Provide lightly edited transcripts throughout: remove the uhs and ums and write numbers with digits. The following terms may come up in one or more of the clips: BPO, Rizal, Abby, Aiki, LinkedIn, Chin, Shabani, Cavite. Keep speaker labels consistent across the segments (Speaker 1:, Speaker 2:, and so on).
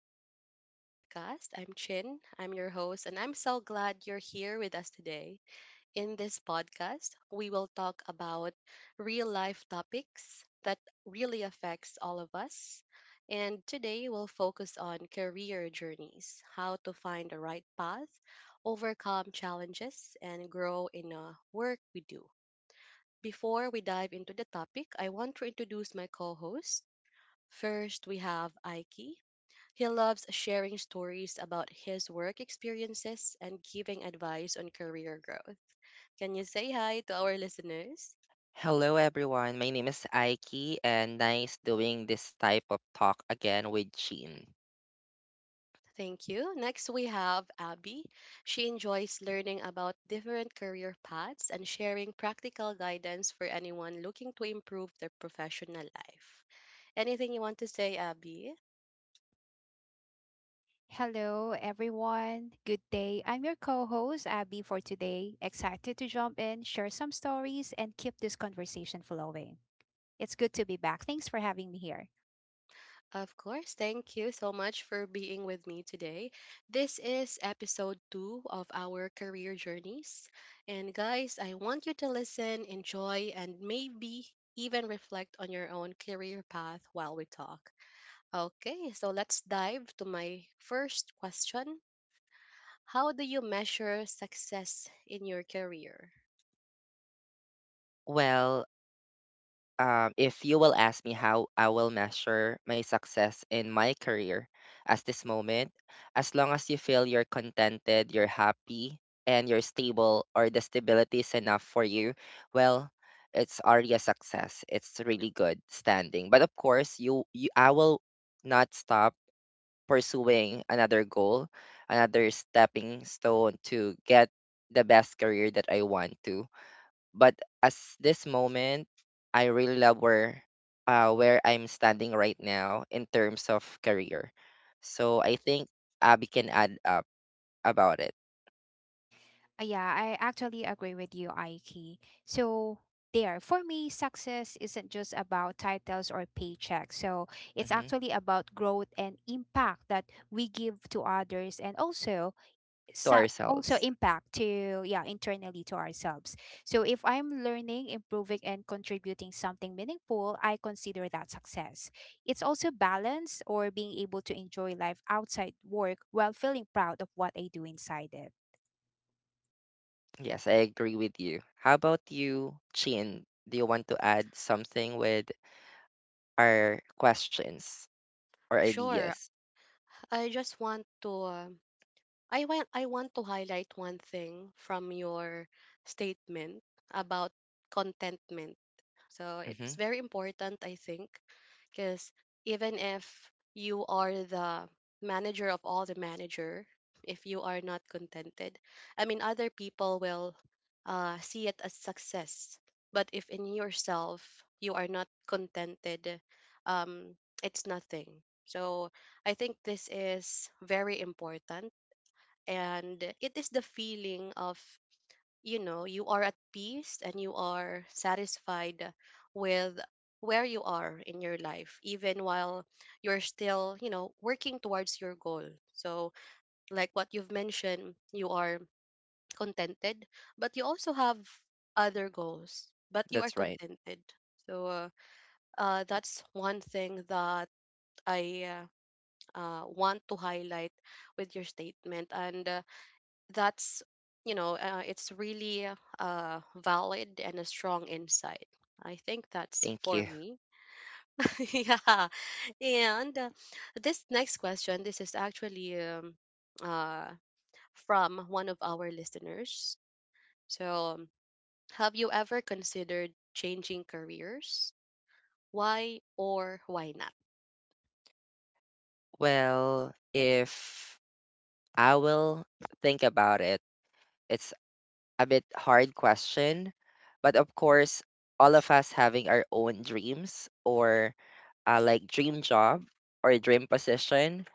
Speaker 1: back to our podcast. I'm Chin, I'm your host, and I'm so glad you're here with us today. In this podcast, we will talk about real life topics that really affects all of us. And today we'll focus on career journeys, how to find the right path, overcome challenges, and grow in the work we do. Before we dive into the topic, I want to introduce my co-host. First, we have Aiki. He loves sharing stories about his work experiences and giving advice on career growth. Can you say hi to our listeners?
Speaker 2: Hello everyone, my name is Aiki and nice doing this type of talk again with Chin.
Speaker 1: Thank you. Next, we have Abby. She enjoys learning about different career paths and sharing practical guidance for anyone looking to improve their professional life. Anything you want to say, Abby?
Speaker 3: Hello, everyone. Good day. I'm your co host, Abby, for today. Excited to jump in, share some stories, and keep this conversation flowing. It's good to be back. Thanks for having me here.
Speaker 1: Of course. Thank you so much for being with me today. This is episode two of our career journeys. And guys, I want you to listen, enjoy, and maybe even reflect on your own career path while we talk. Okay, so let's dive to my first question. How do you measure success in your career?
Speaker 2: Well, if you will ask me how I will measure my success in my career as this moment, as long as you feel you're contented, you're happy, and you're stable or the stability is enough for you, well, it's already a success. It's really good standing. But of course, you I will not stop pursuing another goal, another stepping stone to get the best career that I want to. But as this moment, I really love where I'm standing right now in terms of career. So I think Abby can add up about it.
Speaker 3: Yeah, I actually agree with you, Aiki. So, there, for me, success isn't just about titles or paychecks. So, it's
Speaker 2: Hmm.
Speaker 3: actually about growth and impact that we give to others, and
Speaker 2: To
Speaker 3: so also
Speaker 2: ourselves.
Speaker 3: impact to, yeah, internally to ourselves. So if I'm learning, improving, and contributing something meaningful, I consider that success. It's also balance, or being able to enjoy life outside work while feeling proud of what I do inside it.
Speaker 2: Yes, I agree with you. How about you, Chin? Do you want to add something with our questions or
Speaker 1: Sure,
Speaker 2: ideas?
Speaker 1: I just want to I want to highlight one thing from your statement about contentment. So it's
Speaker 2: Hmm.
Speaker 1: very important, I think, because even if you are the manager of all the manager, if you are not contented, I mean, other people will see it as success. But if in yourself you are not contented, um, it's nothing. So I think this is very important, and it is the feeling of, you know, you are at peace and you are satisfied with where you are in your life even while you're still, you know, working towards your goal. So like what you've mentioned, you are contented, but you also have other goals, but you are
Speaker 2: That's right.
Speaker 1: contented. So that's one thing that I want to highlight with your statement. And that's, you know, it's really valid and a strong insight. I think that's
Speaker 2: Thank
Speaker 1: for
Speaker 2: you.
Speaker 1: me. Yeah. And this next question, this is actually uh, from one of our listeners. So have you ever considered changing careers? Why or why not?
Speaker 2: Well, if I will think about it, it's a bit hard question, but of course, all of us having our own dreams or like dream job or dream position.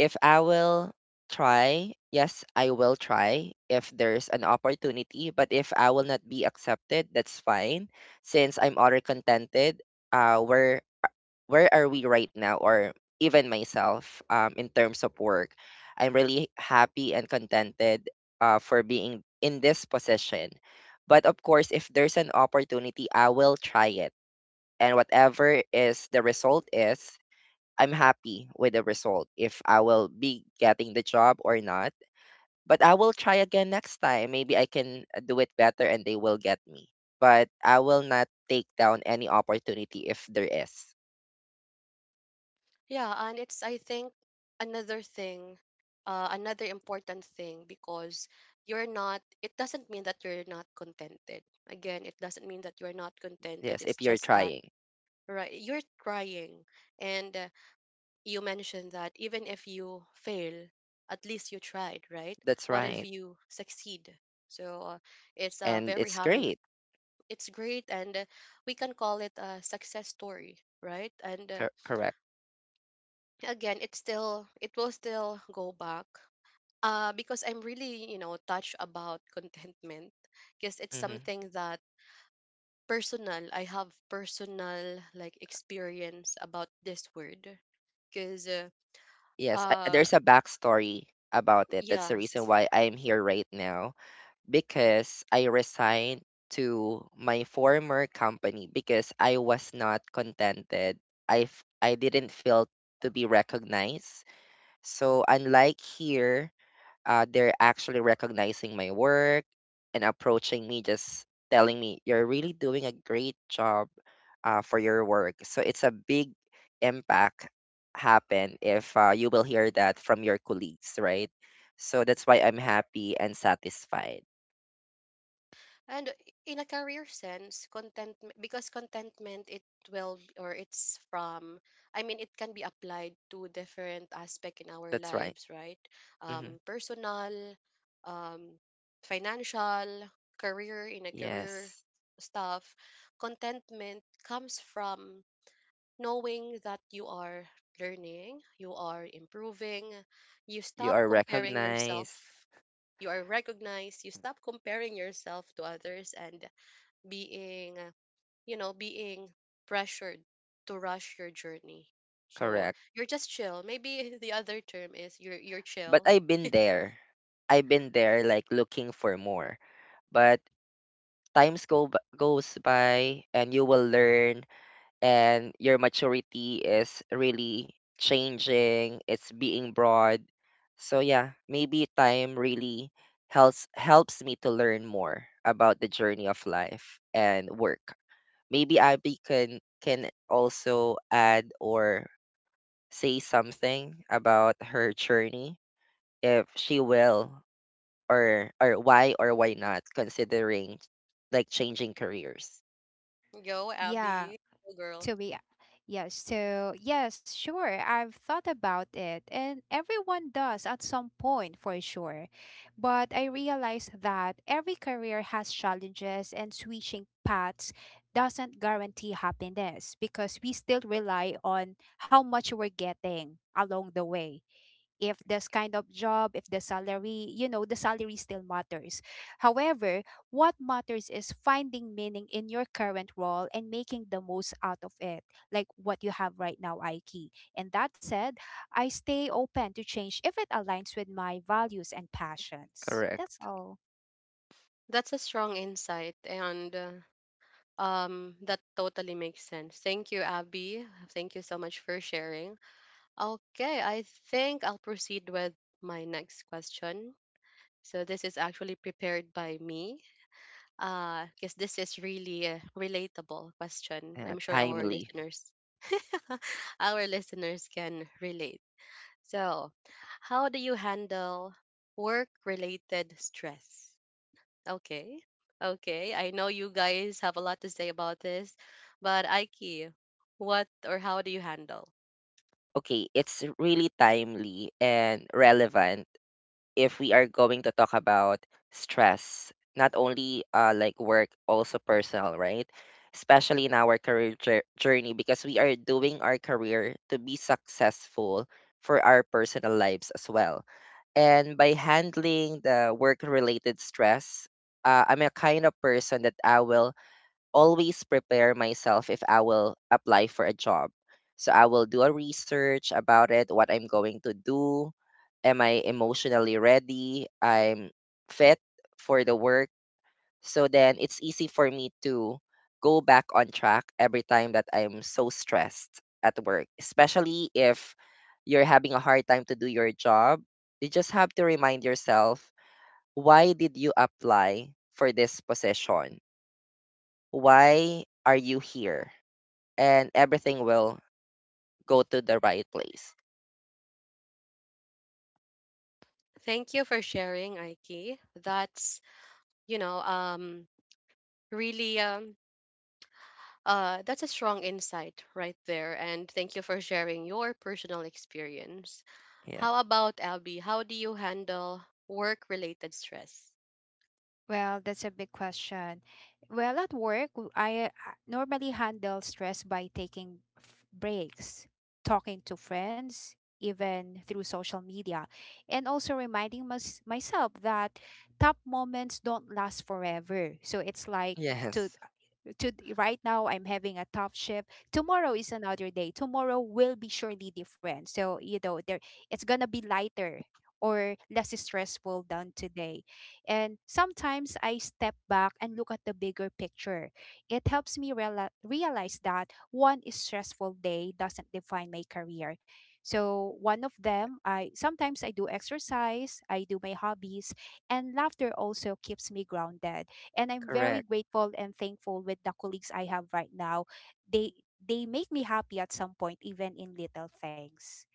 Speaker 2: If I will try, yes, I will try if there's an opportunity, but if I will not be accepted, that's fine since I'm already contented where are we right now or even myself, in terms of work I'm really happy and contented for being in this position. But of course, if there's an opportunity, I will try it, and whatever is the result is, I'm happy with the result if I will be getting the job or not. But I will try again next time. Maybe I can do it better and they will get me. But I will not take down any opportunity if there is.
Speaker 1: Yeah, and it's, I think, another thing, another important thing because you're not. It doesn't mean that you're not contented. Again, it doesn't mean that you're not contented.
Speaker 2: Yes,
Speaker 1: It's
Speaker 2: if you're
Speaker 1: just that
Speaker 2: trying.
Speaker 1: right, you're trying, and you mentioned that even if you fail, at least you tried, right?
Speaker 2: That's
Speaker 1: What if
Speaker 2: right.
Speaker 1: you succeed? So it's a
Speaker 2: And
Speaker 1: very
Speaker 2: it's
Speaker 1: humbling.
Speaker 2: great.
Speaker 1: It's great, and we can call it a success story, right? And
Speaker 2: Correct.
Speaker 1: again it will still go back because I'm really, you know, touched about contentment, because it's
Speaker 2: Hmm.
Speaker 1: something that personal. I have personal, like, experience about this word because
Speaker 2: Yes,
Speaker 1: uh
Speaker 2: there's a backstory about it. That's the reason
Speaker 1: yes.
Speaker 2: why I'm here right now because I resigned to my former company because I was not contented. I didn't feel to be recognized. So unlike here, they're actually recognizing my work and approaching me, just telling me, you're really doing a great job for your work. So it's a big impact happen if you will hear that from your colleagues, right? So that's why I'm happy and satisfied.
Speaker 1: And in a career sense, contentment, because contentment it will or it's from, I mean, it can be applied to different aspect in our
Speaker 2: That's right.
Speaker 1: lives, right?
Speaker 2: Hmm.
Speaker 1: Personal, um financial, career, in a career
Speaker 2: Yes,
Speaker 1: stuff. Contentment comes from knowing that you are learning, you are improving, you
Speaker 2: you
Speaker 1: stop
Speaker 2: are
Speaker 1: comparing
Speaker 2: recognized.
Speaker 1: yourself, you are recognized, you stop comparing yourself to others, and being, you know, being pressured to rush your journey. So
Speaker 2: Correct.
Speaker 1: you're just chill, maybe. The other term is you're
Speaker 2: But
Speaker 1: chill.
Speaker 2: I've been there. I've been there, like looking for more. But times goes by, and you will learn, and your maturity is really changing, it's being broad. So yeah, maybe time really helps me to learn more about the journey of life and work. Maybe Abby can also add or say something about her journey if she will, or why or why not considering like changing careers.
Speaker 1: Go,
Speaker 3: Yeah.
Speaker 1: Abby. Go girl.
Speaker 3: to be Yes. So, yes, sure, I've thought about it, and everyone does at some point, for sure. But I realized that every career has challenges, and switching paths doesn't guarantee happiness because we still rely on how much we're getting along the way. If this kind of job, if the salary still matters. However, what matters is finding meaning in your current role and making the most out of it, like what you have right now, Aiki. And that said, I stay open to change if it aligns with my values and passions. That's
Speaker 2: Correct.
Speaker 3: all.
Speaker 1: That's a strong insight, and that totally makes sense. Thank you, Abby. Thank you so much for sharing. Okay, I think I'll proceed with my next question. So this is actually prepared by me, because this is really a relatable question.
Speaker 2: Yeah,
Speaker 1: I'm sure our
Speaker 2: timely.
Speaker 1: listeners our listeners can relate. So how do you handle work related stress? Okay. Okay, I know you guys have a lot to say about this, but Aiki, what or how do you handle?
Speaker 2: Okay, it's really timely and relevant if we are going to talk about stress, not only like work, also personal, right? Especially in our career journey, because we are doing our career to be successful for our personal lives as well. And by handling the work related stress, I'm a kind of person that I will always prepare myself if I will apply for a job. So I will do a research about it, what I'm going to do. Am I emotionally ready? I'm fit for the work. So then it's easy for me to go back on track every time that I'm so stressed at work, especially if you're having a hard time to do your job. You just have to remind yourself, why did you apply for this position? Why are you here? And everything will go to the right place.
Speaker 1: Thank you for sharing, Aiki. That's, you know, really that's a strong insight right there, and thank you for sharing your personal experience.
Speaker 2: Yeah.
Speaker 1: How about Abby? How do you handle work related stress?
Speaker 3: Well, that's a big question. Well, at work, I normally handle stress by taking breaks, talking to friends, even through social media, and also reminding myself that top moments don't last forever. So it's like, to
Speaker 2: Yes.
Speaker 3: to right now I'm having a tough shift. Tomorrow is another day. Tomorrow will be surely different. So, you know, there it's gonna be lighter or less stressful than today. And sometimes I step back and look at the bigger picture. It helps me realize that one stressful day doesn't define my career. So one of them, I sometimes I do exercise, I do my hobbies, and laughter also keeps me grounded, and I'm very
Speaker 2: Correct.
Speaker 3: grateful and thankful with the colleagues I have right now. They make me happy at some point, even in little things.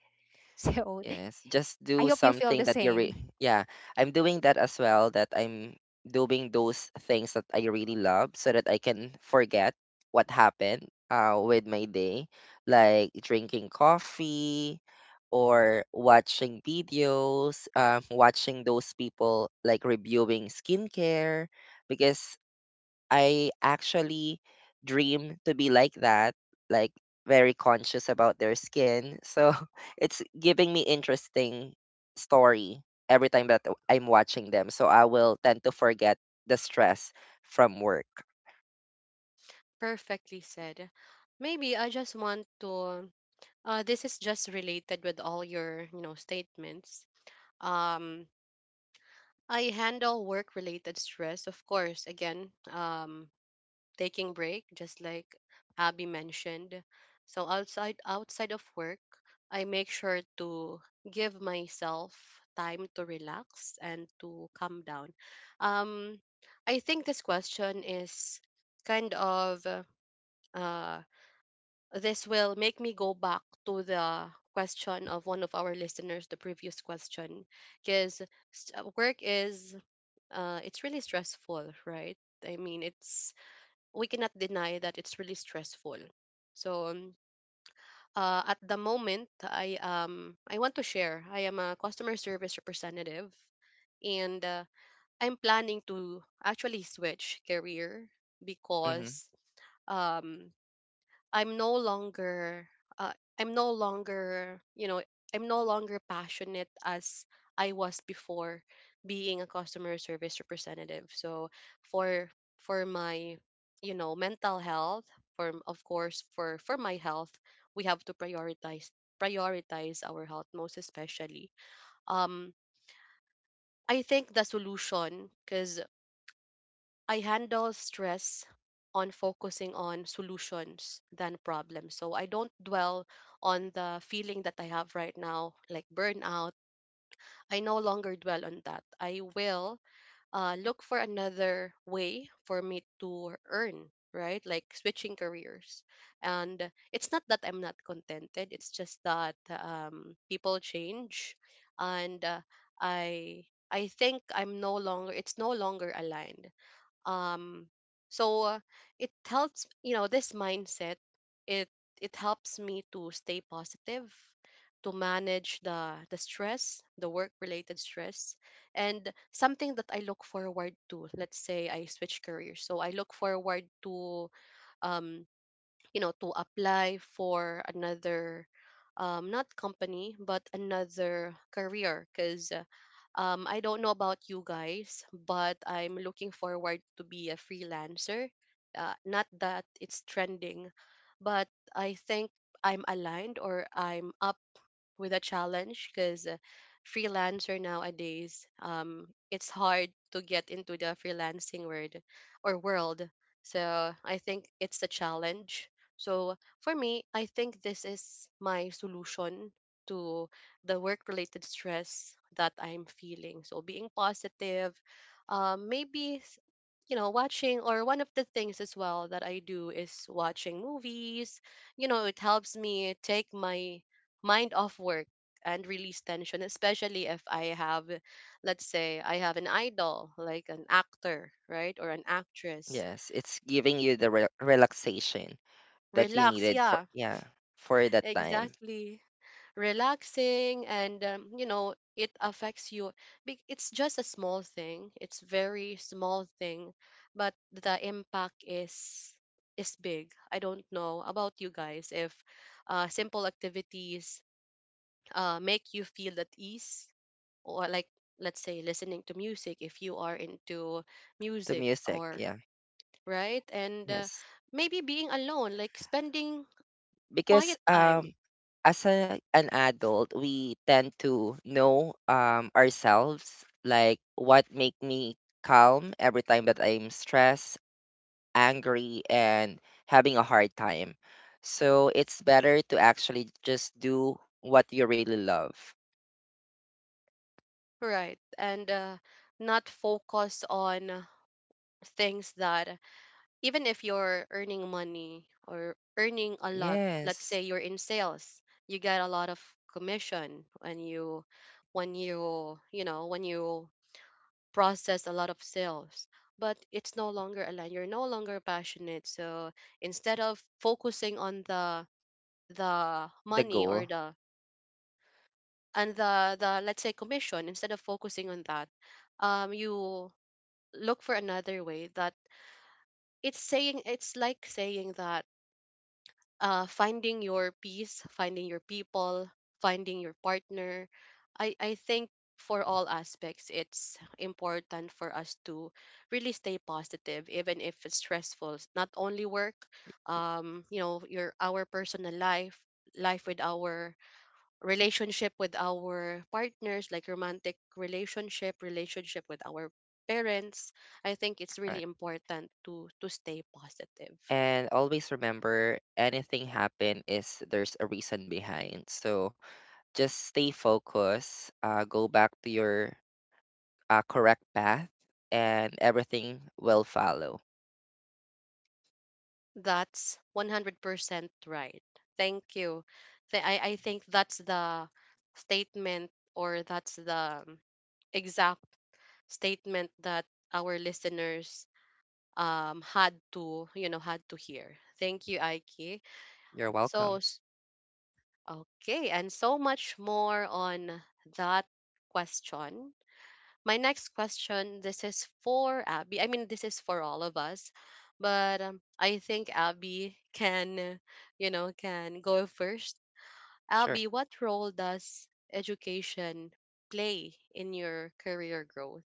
Speaker 3: So
Speaker 2: Yes. Just
Speaker 3: I
Speaker 2: do
Speaker 3: hope you feel
Speaker 2: something
Speaker 3: the
Speaker 2: that you
Speaker 3: same.
Speaker 2: yeah. I'm doing that as well, that I'm doing those things that I really love so that I can forget what happened with my day, like drinking coffee or watching videos, watching those people like reviewing skincare, because I actually dream to be like that, like very conscious about their skin. So it's giving me interesting story every time that I'm watching them. So I will tend to forget the stress from work.
Speaker 1: Perfectly said. Maybe I just want to this is just related with all your, you know, statements. Um I handle work related stress, of course, again, taking break just like Abby mentioned. So outside of work I make sure to give myself time to relax and to calm down. um I think this question is kind of uh this will make me go back to the question of one of our listeners, the previous question, because work is, it's really stressful, right? I mean, it's, we cannot deny that it's really stressful. So at the moment, I want to share. I am a customer service representative, and I'm planning to actually switch career
Speaker 2: Hmm.
Speaker 1: because um I'm no longer uh, I'm no longer, you know, I'm no longer passionate as I was before being a customer service representative. So for for my, you know, mental health, for of course for my health, we have to prioritize our health most especially. Um I think the solution cuz I handle stress on focusing on solutions than problems. So I don't dwell on the feeling that I have right now, like burnout. I no longer dwell on that. I will look for another way for me to earn, right? Like switching careers. And it's not that I'm not contented, it's just that people change. And I. I think I'm no longer, it's no longer aligned. um so uh, it helps, you know, this mindset. It it helps me to stay positive, to manage the stress, the work related stress, and something that I look forward to, let's say I switch careers, so I look forward to, um you know, to apply for another, not company, but another career because, I don't know about you guys, but I'm looking forward to be a freelancer. Not that it's trending, but I think I'm aligned or I'm up with a challenge because, freelancer nowadays, it's hard to get into the freelancing world or world. So I think it's a challenge. So for me, I think this is my solution to the work related stress that I'm feeling. So being positive, um, maybe s- you know, watching, or one of the things as well that I do is watching movies. You know, it helps me take my mind off work and release tension, especially if I have, let's say I have an idol, like an actor, right, or an actress.
Speaker 2: Yes, it's giving you the relaxation that you
Speaker 1: Relax,
Speaker 2: needed for,
Speaker 1: yeah.
Speaker 2: yeah, for that time.
Speaker 1: Exactly. Relaxing and, you know, it affects you. It's just a small thing, it's very small thing, but the impact is big. I don't know about you guys if, simple activities, make you feel at ease, or like, let's say listening to music if you are into
Speaker 2: The
Speaker 1: music,
Speaker 2: music,
Speaker 1: or
Speaker 2: yeah,
Speaker 1: right. And
Speaker 2: yes.
Speaker 1: maybe being alone, like spending quiet
Speaker 2: Because
Speaker 1: time.
Speaker 2: as an adult we tend to know ourselves, like what make me calm every time that I'm stressed, angry, and having a hard time. So it's better to actually just do what you really love.
Speaker 1: Right. And not focus on things that, even if you're earning money or earning a lot, let's
Speaker 2: Yes,
Speaker 1: say you're in sales, you get a lot of commission when you know, when you process a lot of sales, but it's no longer aligned. You're no longer passionate. So instead of focusing on the
Speaker 2: the
Speaker 1: money or
Speaker 2: goal.
Speaker 1: the, and the, the, let's say commission, instead of focusing on that, you look for another way that it's saying, it's like saying that, finding your peace, finding your people, finding your partner, I think for all aspects it's important for us to really stay positive even if it's stressful. It's not only work, you know, your our personal life, life with our relationship with our partners, like romantic relationship, relationship with our parents, I think it's
Speaker 2: Right.
Speaker 1: really important to stay positive.
Speaker 2: And always remember anything happen is there's a reason behind. So just stay focused, go back to your a correct path and everything will follow.
Speaker 1: That's 100% right. Thank you. I think that's the statement or that's the exact statement that our listeners had to, you know, had to hear. Thank you, Aiki.
Speaker 2: You're welcome.
Speaker 1: So okay, and so much more on that question. My next question, this is for Abby. I mean, this is for all of us, but I think Abby can, you know, can go first.
Speaker 2: Sure.
Speaker 1: Abby, what role does education play in your career growth?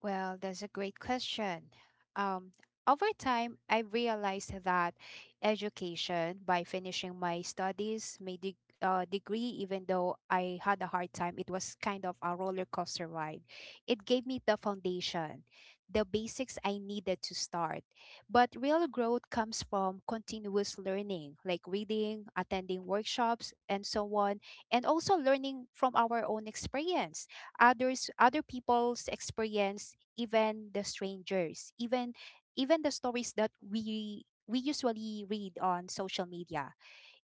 Speaker 3: Well, that's a great question. Um, Over time, I realized that education, by finishing my studies, my degree, even though I had a hard time, it was kind of a roller coaster ride. It gave me the foundation, the basics I needed to start. But real growth comes from continuous learning, like reading, attending workshops, and so on, and also learning from our own experience, other people's experience, even the strangers, even the stories that we usually read on social media.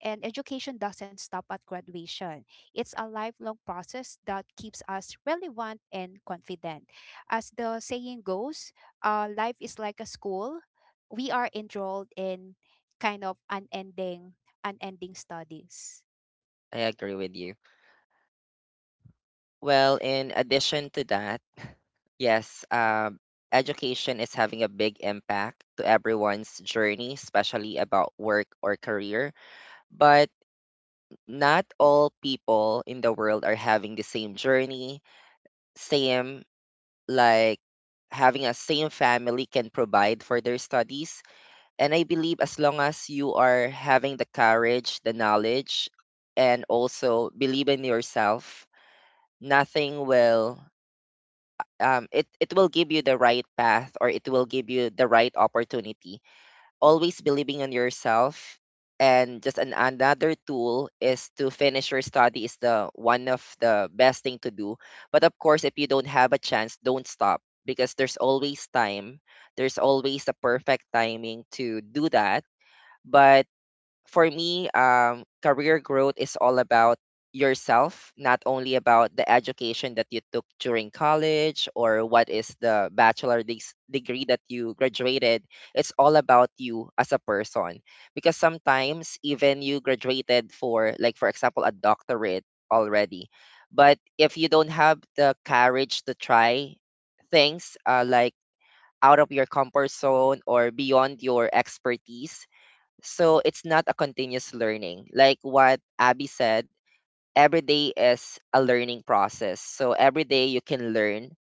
Speaker 3: And education doesn't stop at graduation. It's a lifelong process that keeps us relevant and confident. As the saying goes, life is like a school we are enrolled in, kind of unending studies.
Speaker 2: I agree with you. Well, in addition to that, yes, education is having a big impact to everyone's journey, especially about work or career. But not all people in the world are having the same journey, same like having a same family can provide for their studies. And I believe as long as you are having the courage, the knowledge, and also believe in yourself. Nothing will um, it, it will give you the right path or it will give you the right opportunity. Always believing in yourself. And just another tool is to finish your study is the one of the best thing to do. But of course, if you don't have a chance, don't stop because there's always time. There's always a perfect timing to do that. But for me, career growth is all about yourself, not only about the education that you took during college or what is the bachelor degree that you graduated. It's all about you as a person. Because sometimes, even you graduated for, like, for example, a doctorate already. But if you don't have the courage to try things like out of your comfort zone or beyond your expertise, so it's not a continuous learning. Like what Abby said, every day is a learning process. So every day you can learn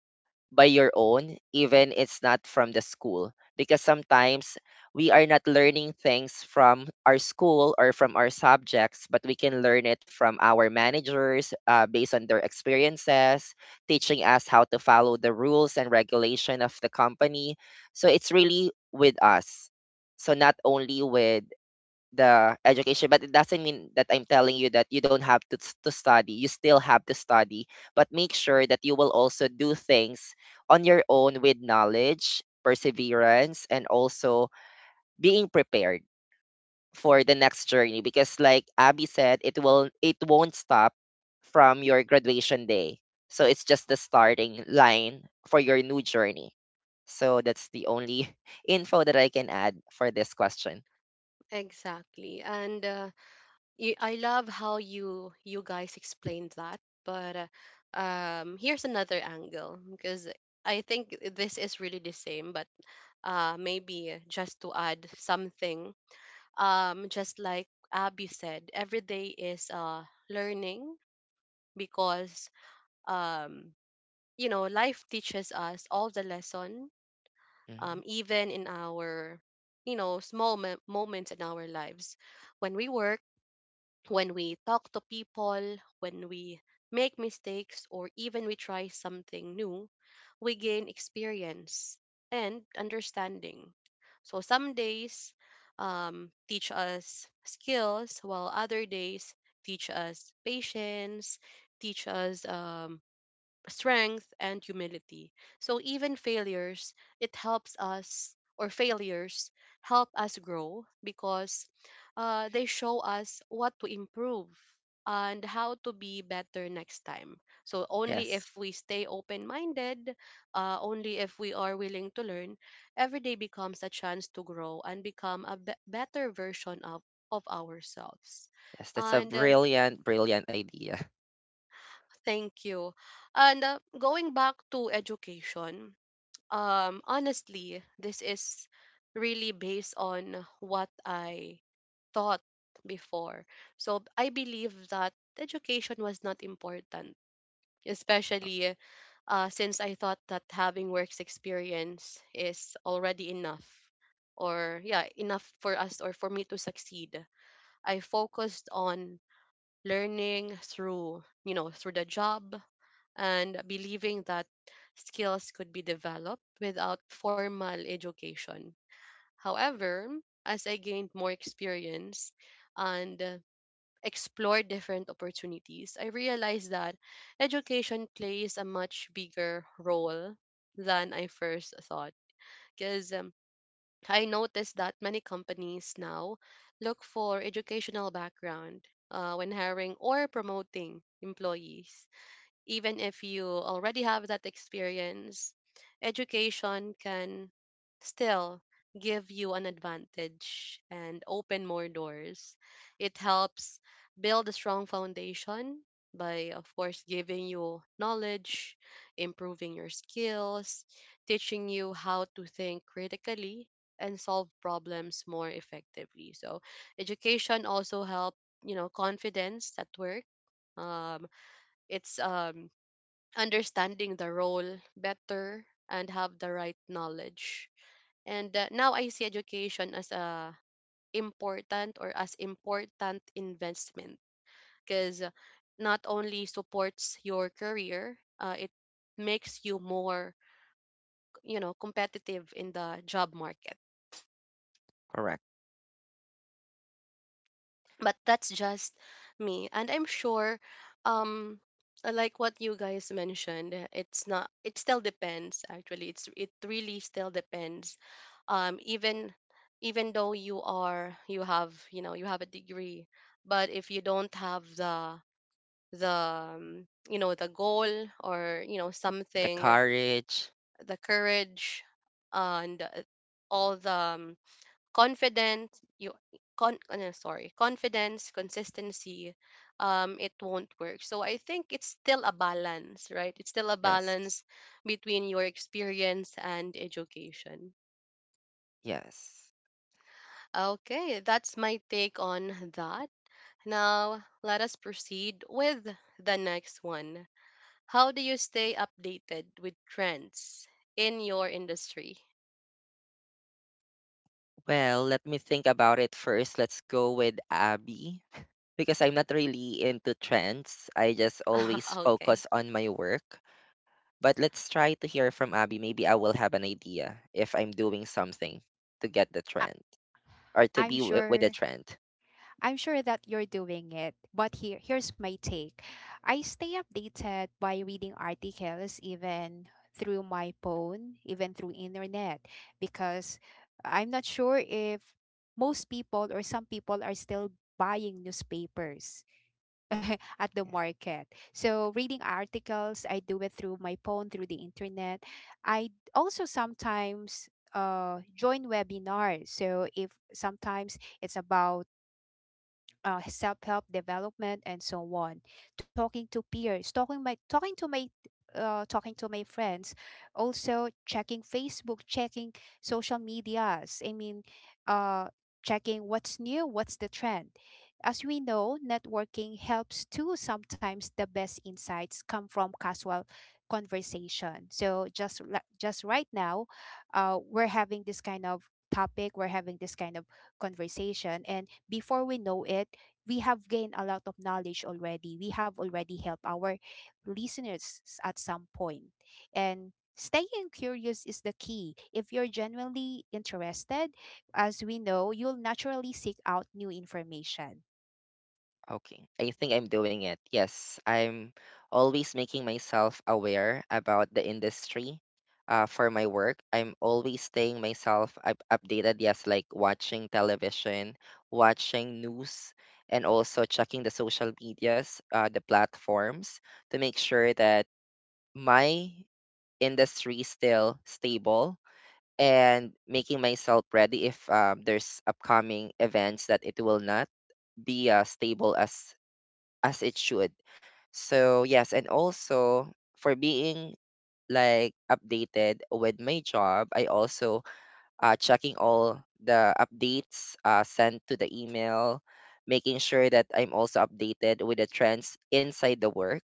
Speaker 2: by your own, even it's not from the school. Because sometimes we are not learning things from our school or from our subjects, but we can learn it from our managers based on their experiences, teaching us how to follow the rules and regulation of the company. So it's really with us, so not only with the education, but it doesn't mean that I'm telling you that you don't have to study. You still have to study, but make sure that you will also do things on your own with knowledge, perseverance, and also being prepared for the next journey, because like Abby said, it won't stop from your graduation day. So it's just the starting line for your new journey. So that's the only info that I can add for this question.
Speaker 1: Exactly. And you, I love how you guys explained that. But here's another angle because I think this is really the same, but maybe just to add something. Just like Abby said, every day is learning because, um, you know, life teaches us all the lesson,
Speaker 2: Mhm.
Speaker 1: even in our, you know, small moments in our lives, when we work, when we talk to people, when we make mistakes, or even we try something new, we gain experience and understanding. So some days teach us skills, while other days teach us patience, teach us strength and humility. So even failures, it helps us or failures help us grow because they show us what to improve and how to be better next time. So only if
Speaker 2: Yes.
Speaker 1: we stay open-minded, only if we are willing to learn, every day becomes a chance to grow and become a better version of ourselves.
Speaker 2: Yes, that's a
Speaker 1: And
Speaker 2: brilliant, brilliant idea.
Speaker 1: Thank you. And going back to education, honestly this is really based on what I thought before. So I believe that education was not important, especially since I thought that having works experience is already enough or, yeah, enough for us or for me to succeed. I focused on learning through, you know, through the job and believing that skills could be developed without formal education. However, as I gained more experience and explored different opportunities, I realized that education plays a much bigger role than I first thought. Because I noticed that many companies now look for educational background when hiring or promoting employees. Even if you already have that experience, education can still give you an advantage and open more doors. It helps build a strong foundation by, of course, giving you knowledge, improving your skills, teaching you how to think critically and solve problems more effectively. So, education also help, you know, confidence at work, um it's understanding the role better and have the right knowledge. And now I see education as a important or as important investment, because not only supports your career, it makes you more, you know, competitive in the job market.
Speaker 2: Correct.
Speaker 1: But that's just me, and I'm sure, um like what you guys mentioned, it's not, it still depends. Actually, it's it really still depends. Even, even though you are, you have, you know, you have a degree, but if you don't have the the you know, the goal, or, you know,
Speaker 2: The
Speaker 1: something,
Speaker 2: courage.
Speaker 1: the courage and all the confident, you con sorry, confidence, consistency, it won't work. So I think it's still a balance, right? It's still a
Speaker 2: Yes.
Speaker 1: balance between your experience and education.
Speaker 2: Yes.
Speaker 1: Okay, that's my take on that. Now let us proceed with the next one. How do you stay updated with trends in your industry?
Speaker 2: Well, let me think about it first. Let's go with Abby because I'm not really into trends. I just always
Speaker 1: Okay.
Speaker 2: focus on my work. But let's try to hear from Abby. Maybe I will have an idea if I'm doing something to get the
Speaker 3: I-
Speaker 2: trend, or to
Speaker 3: i'm
Speaker 2: be with the
Speaker 3: sure
Speaker 2: trend.
Speaker 3: I'm sure that you're doing it, but here's my take. I stay updated by reading articles, even through my phone, even through internet, because I'm not sure if most people or some people are still buying newspapers at the market. So reading articles, I do it through my phone, through the internet. I also sometimes join webinars. So if sometimes it's about self-help development and so on, talking to peers, talking to my friends, also checking Facebook, checking social medias, I mean, uh, checking what's new, what's the trend. As we know, networking helps too. Sometimes the best insights come from casual conversation. So just right now, we're having this kind of topic, we're having this kind of conversation, and before we know it, we have gained a lot of knowledge already. We have already helped our listeners at some point. And staying curious is the key. If you're genuinely interested, as we know, you'll naturally seek out new information.
Speaker 2: Okay, I think I'm doing it. Yes, I'm always making myself aware about the industry for my work. I'm always staying myself up updated. Yes, like watching television, watching news, and also checking the social medias, the platforms to make sure that my industry is still stable and making myself ready if there's upcoming events that it will not be stable as it should. So yes, and also for being like updated with my job, I also checking all the updates sent to the email, making sure that I'm also updated with the trends inside the work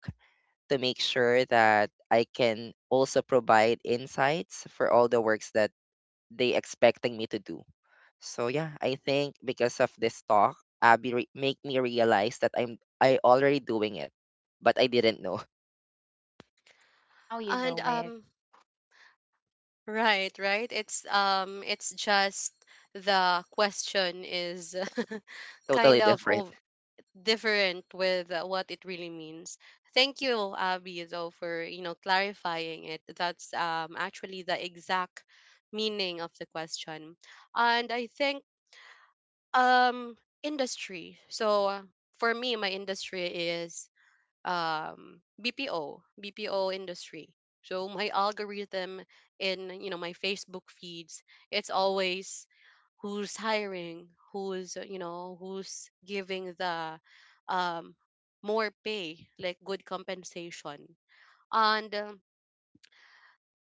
Speaker 2: to make sure that I can also provide insights for all the works that they expecting me to do. So yeah, I think because of this talk, Abby make me realize that I already doing it, but I didn't know.
Speaker 3: Now you
Speaker 1: and
Speaker 3: know it.
Speaker 1: um right, right. It's just the question is kind
Speaker 2: Totally
Speaker 1: of
Speaker 2: different.
Speaker 1: ov- different with what it really means. Thank you, Abby, though, for, you know, clarifying it. That's actually the exact meaning of the question, and I think um industry. So for me, my industry is BPO, BPO industry. So my algorithm in, you know, my Facebook feeds, it's always who's hiring, who's, you know, who's giving the um, more pay, like good compensation, and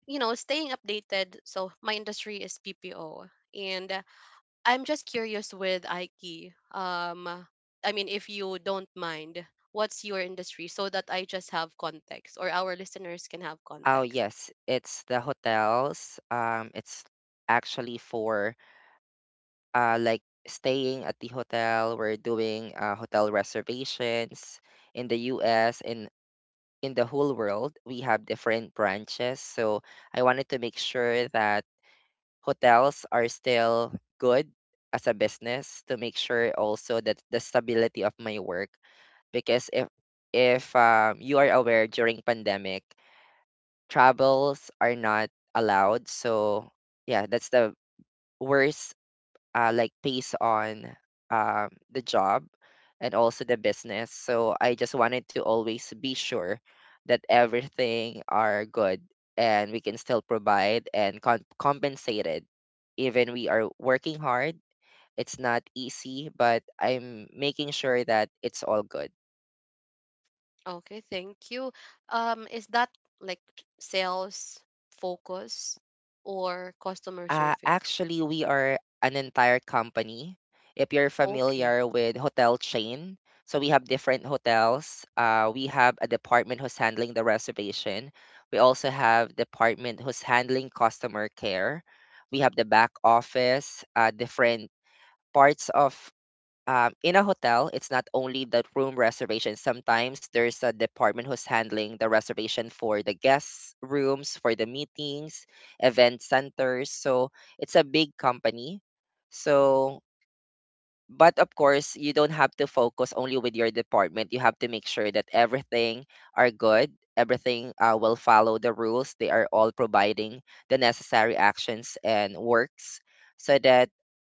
Speaker 1: you know, staying updated. So my industry is PPO, and I'm just curious with Aiki. I mean, if you don't mind, what's your industry, so that I just have context or our listeners can have
Speaker 2: Oh
Speaker 1: context.
Speaker 2: yes, it's the hotels. It's actually for like staying at the hotel. We're doing hotel reservations in the U.S. and in the whole world. We have different branches, so I wanted to make sure that hotels are still good as a business to make sure also that the stability of my work, because if you are aware during pandemic travels are not allowed. So yeah, that's the worst, like based on, the job and also the business. So I just wanted to always be sure that everything are good and we can still provide and compensated even we are working hard. It's not easy, but I'm making sure that it's all good.
Speaker 1: Okay, thank you. Is that like sales focus or customer service?
Speaker 2: Actually, we are an entire company. If you're
Speaker 1: Okay,
Speaker 2: familiar with hotel chain, so we have different hotels. We have a department who's handling the reservation. We also have department who's handling customer care. We have the back office, different parts of in a hotel, it's not only the room reservation. Sometimes there's a department who's handling the reservation for the guest rooms, for the meetings, event centers. So it's a big company. So but of course you don't have to focus only with your department. You have to make sure that everything are good, everything will follow the rules, they are all providing the necessary actions and works so that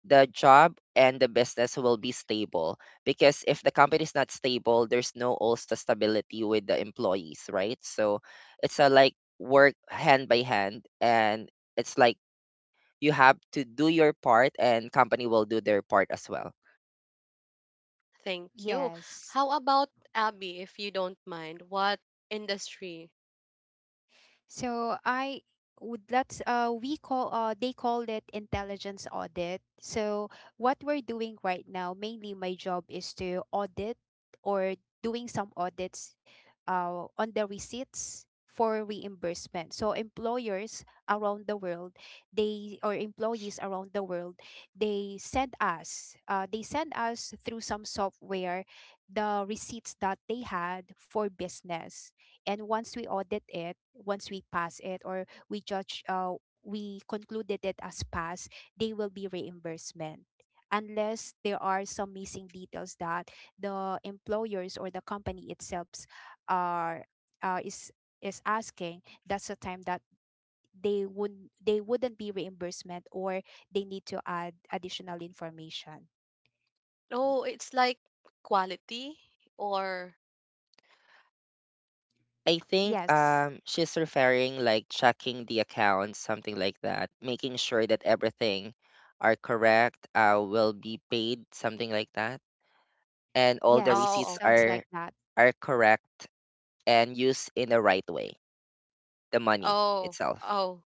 Speaker 2: the job and the business will be stable. Because if the company is not stable, there's no also stability with the employees, right? So it's a like work hand by hand, and it's like you have to do your part and company will do their part as well.
Speaker 1: thank you.
Speaker 3: Yes.
Speaker 1: How about Abby, if you don't mind, what industry?
Speaker 3: So I would that's, we call they call it intelligence audit. So what we're doing right now, mainly my job is to audit, or doing some audits on the receipts for reimbursement. So employers around the world, they, or employees around the world, they send us through some software the receipts that they had for business. And once we audit it, once we pass it, or we judge, we concluded it as pass, they will be reimbursement, unless there are some missing details that the employers or the company itself are uh, is is asking. That's the time that they wouldn't be reimbursement, or they need to add additional information.
Speaker 1: Oh, it's like quality or
Speaker 2: I think
Speaker 3: Yes,
Speaker 2: she's referring like checking the accounts, something like that, making sure that everything are correct, will be paid, something like that, and all the
Speaker 3: yes.
Speaker 1: oh,
Speaker 2: receipts
Speaker 3: Sounds
Speaker 1: okay.
Speaker 3: like that.
Speaker 2: are correct and used in the right way, the money
Speaker 1: Oh,
Speaker 2: itself.
Speaker 1: oh,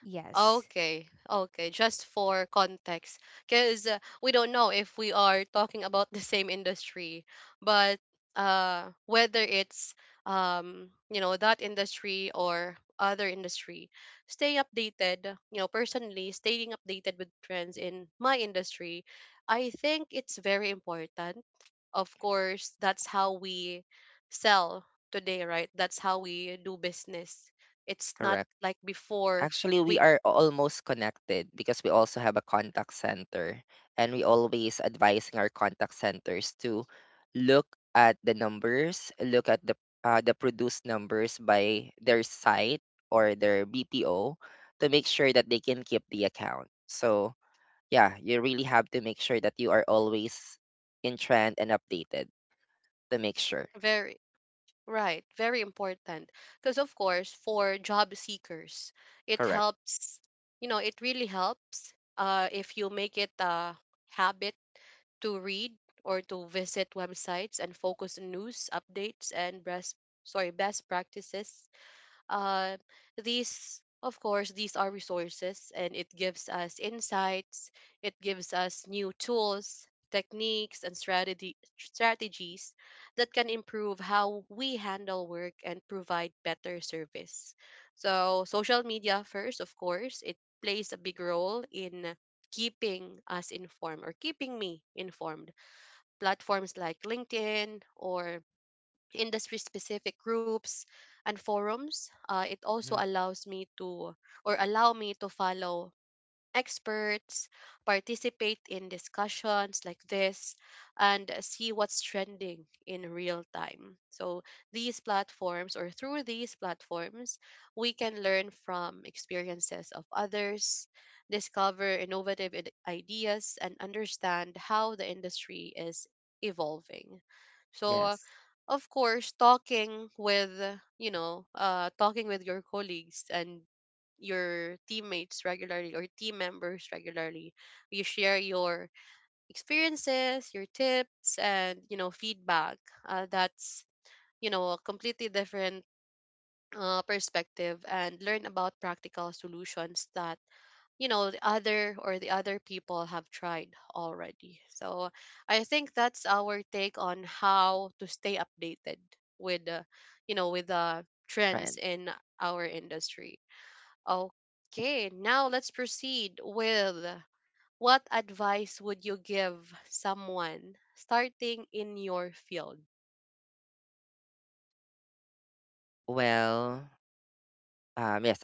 Speaker 3: Yes.
Speaker 1: okay, okay, just for context, because we don't know if we are talking about the same industry, but whether it's you know, that industry or other industry, stay updated. You know, personally, staying updated with trends in my industry, I think it's very important. Of course, that's how we sell today, right? That's how we do business. It's not
Speaker 2: Correct.
Speaker 1: like before
Speaker 2: Actually, we
Speaker 1: we
Speaker 2: are almost connected because we also have a contact center, and we always advising our contact centers to look at the numbers, look at the produced numbers by their site or their BPO to make sure that they can keep the account. So yeah, you really have to make sure that you are always in trend and updated to make sure.
Speaker 1: very right, very important. Because of course, for job seekers, it
Speaker 2: Correct.
Speaker 1: helps, you know, it really helps if you make it a habit to read or to visit websites and focus on news updates and best, sorry, best practices. uh, these, of course, these are resources, and it gives us insights. It gives us new tools, techniques, and strategy strategies that can improve how we handle work and provide better service. So social media first, of course, it plays a big role in keeping us informed or keeping me informed. Platforms like LinkedIn or industry specific groups and forums. It also
Speaker 2: Mhm.
Speaker 1: allows me to or allow me to follow experts, participate in discussions like this, and see what's trending in real time. So these platforms, or through these platforms, we can learn from experiences of others, discover innovative ideas, and understand how the industry is evolving. So,
Speaker 2: Yes,
Speaker 1: of course, talking with, you know, talking with your colleagues and your teammates regularly or team members regularly. You share your experiences, your tips, and, you know, feedback. That's, you know, a completely different perspective and learn about practical solutions that, you know, the other or the other people have tried already. So I think that's our take on how to stay updated with, you know, with the
Speaker 2: trends.
Speaker 1: trends in our industry. Okay, now let's proceed with what advice would you give someone starting in your field?
Speaker 2: Well, yes.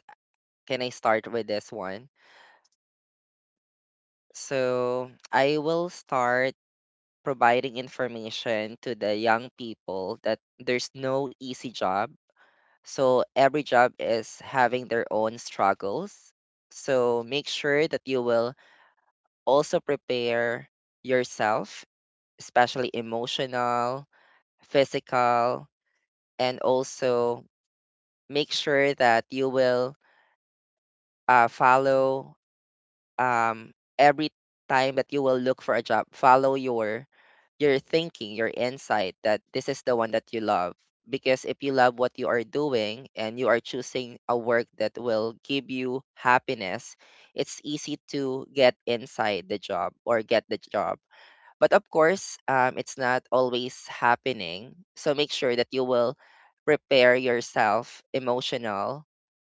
Speaker 2: Can I start with this one? So I will start providing information to the young people that there's no easy job. So every job is having their own struggles. So make sure that you will also prepare yourself, especially emotional, physical, and also make sure that you will follow um, every time that you will look for a job, follow your thinking, your insight that this is the one that you love. Because if you love what you are doing and you are choosing a work that will give you happiness, it's easy to get inside the job or get the job. But of course, it's not always happening. So make sure that you will prepare yourself emotional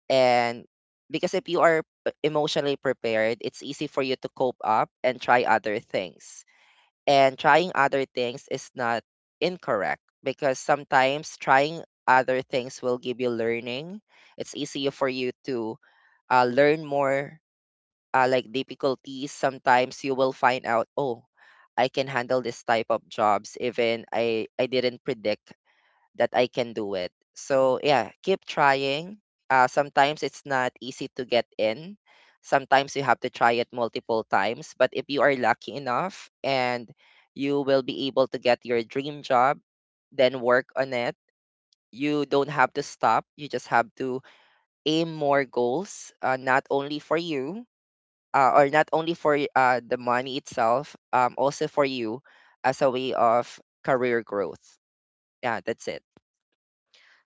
Speaker 2: and because if you are emotionally prepared, it's easy for you to cope up and try other things. And trying other things is not incorrect because sometimes trying other things will give you learning. It's easier for you to learn more like difficulties. Sometimes you will find out, oh, I can handle this type of jobs even I didn't predict that I can do it. So yeah, keep trying. Sometimes it's not easy to get in. Sometimes you have to try it multiple times. But if you are lucky enough and you will be able to get your dream job, then work on it. You don't have to stop. You just have to aim more goals, not only for you, or not only for the money itself, also for you as a way of career growth. Yeah, that's it.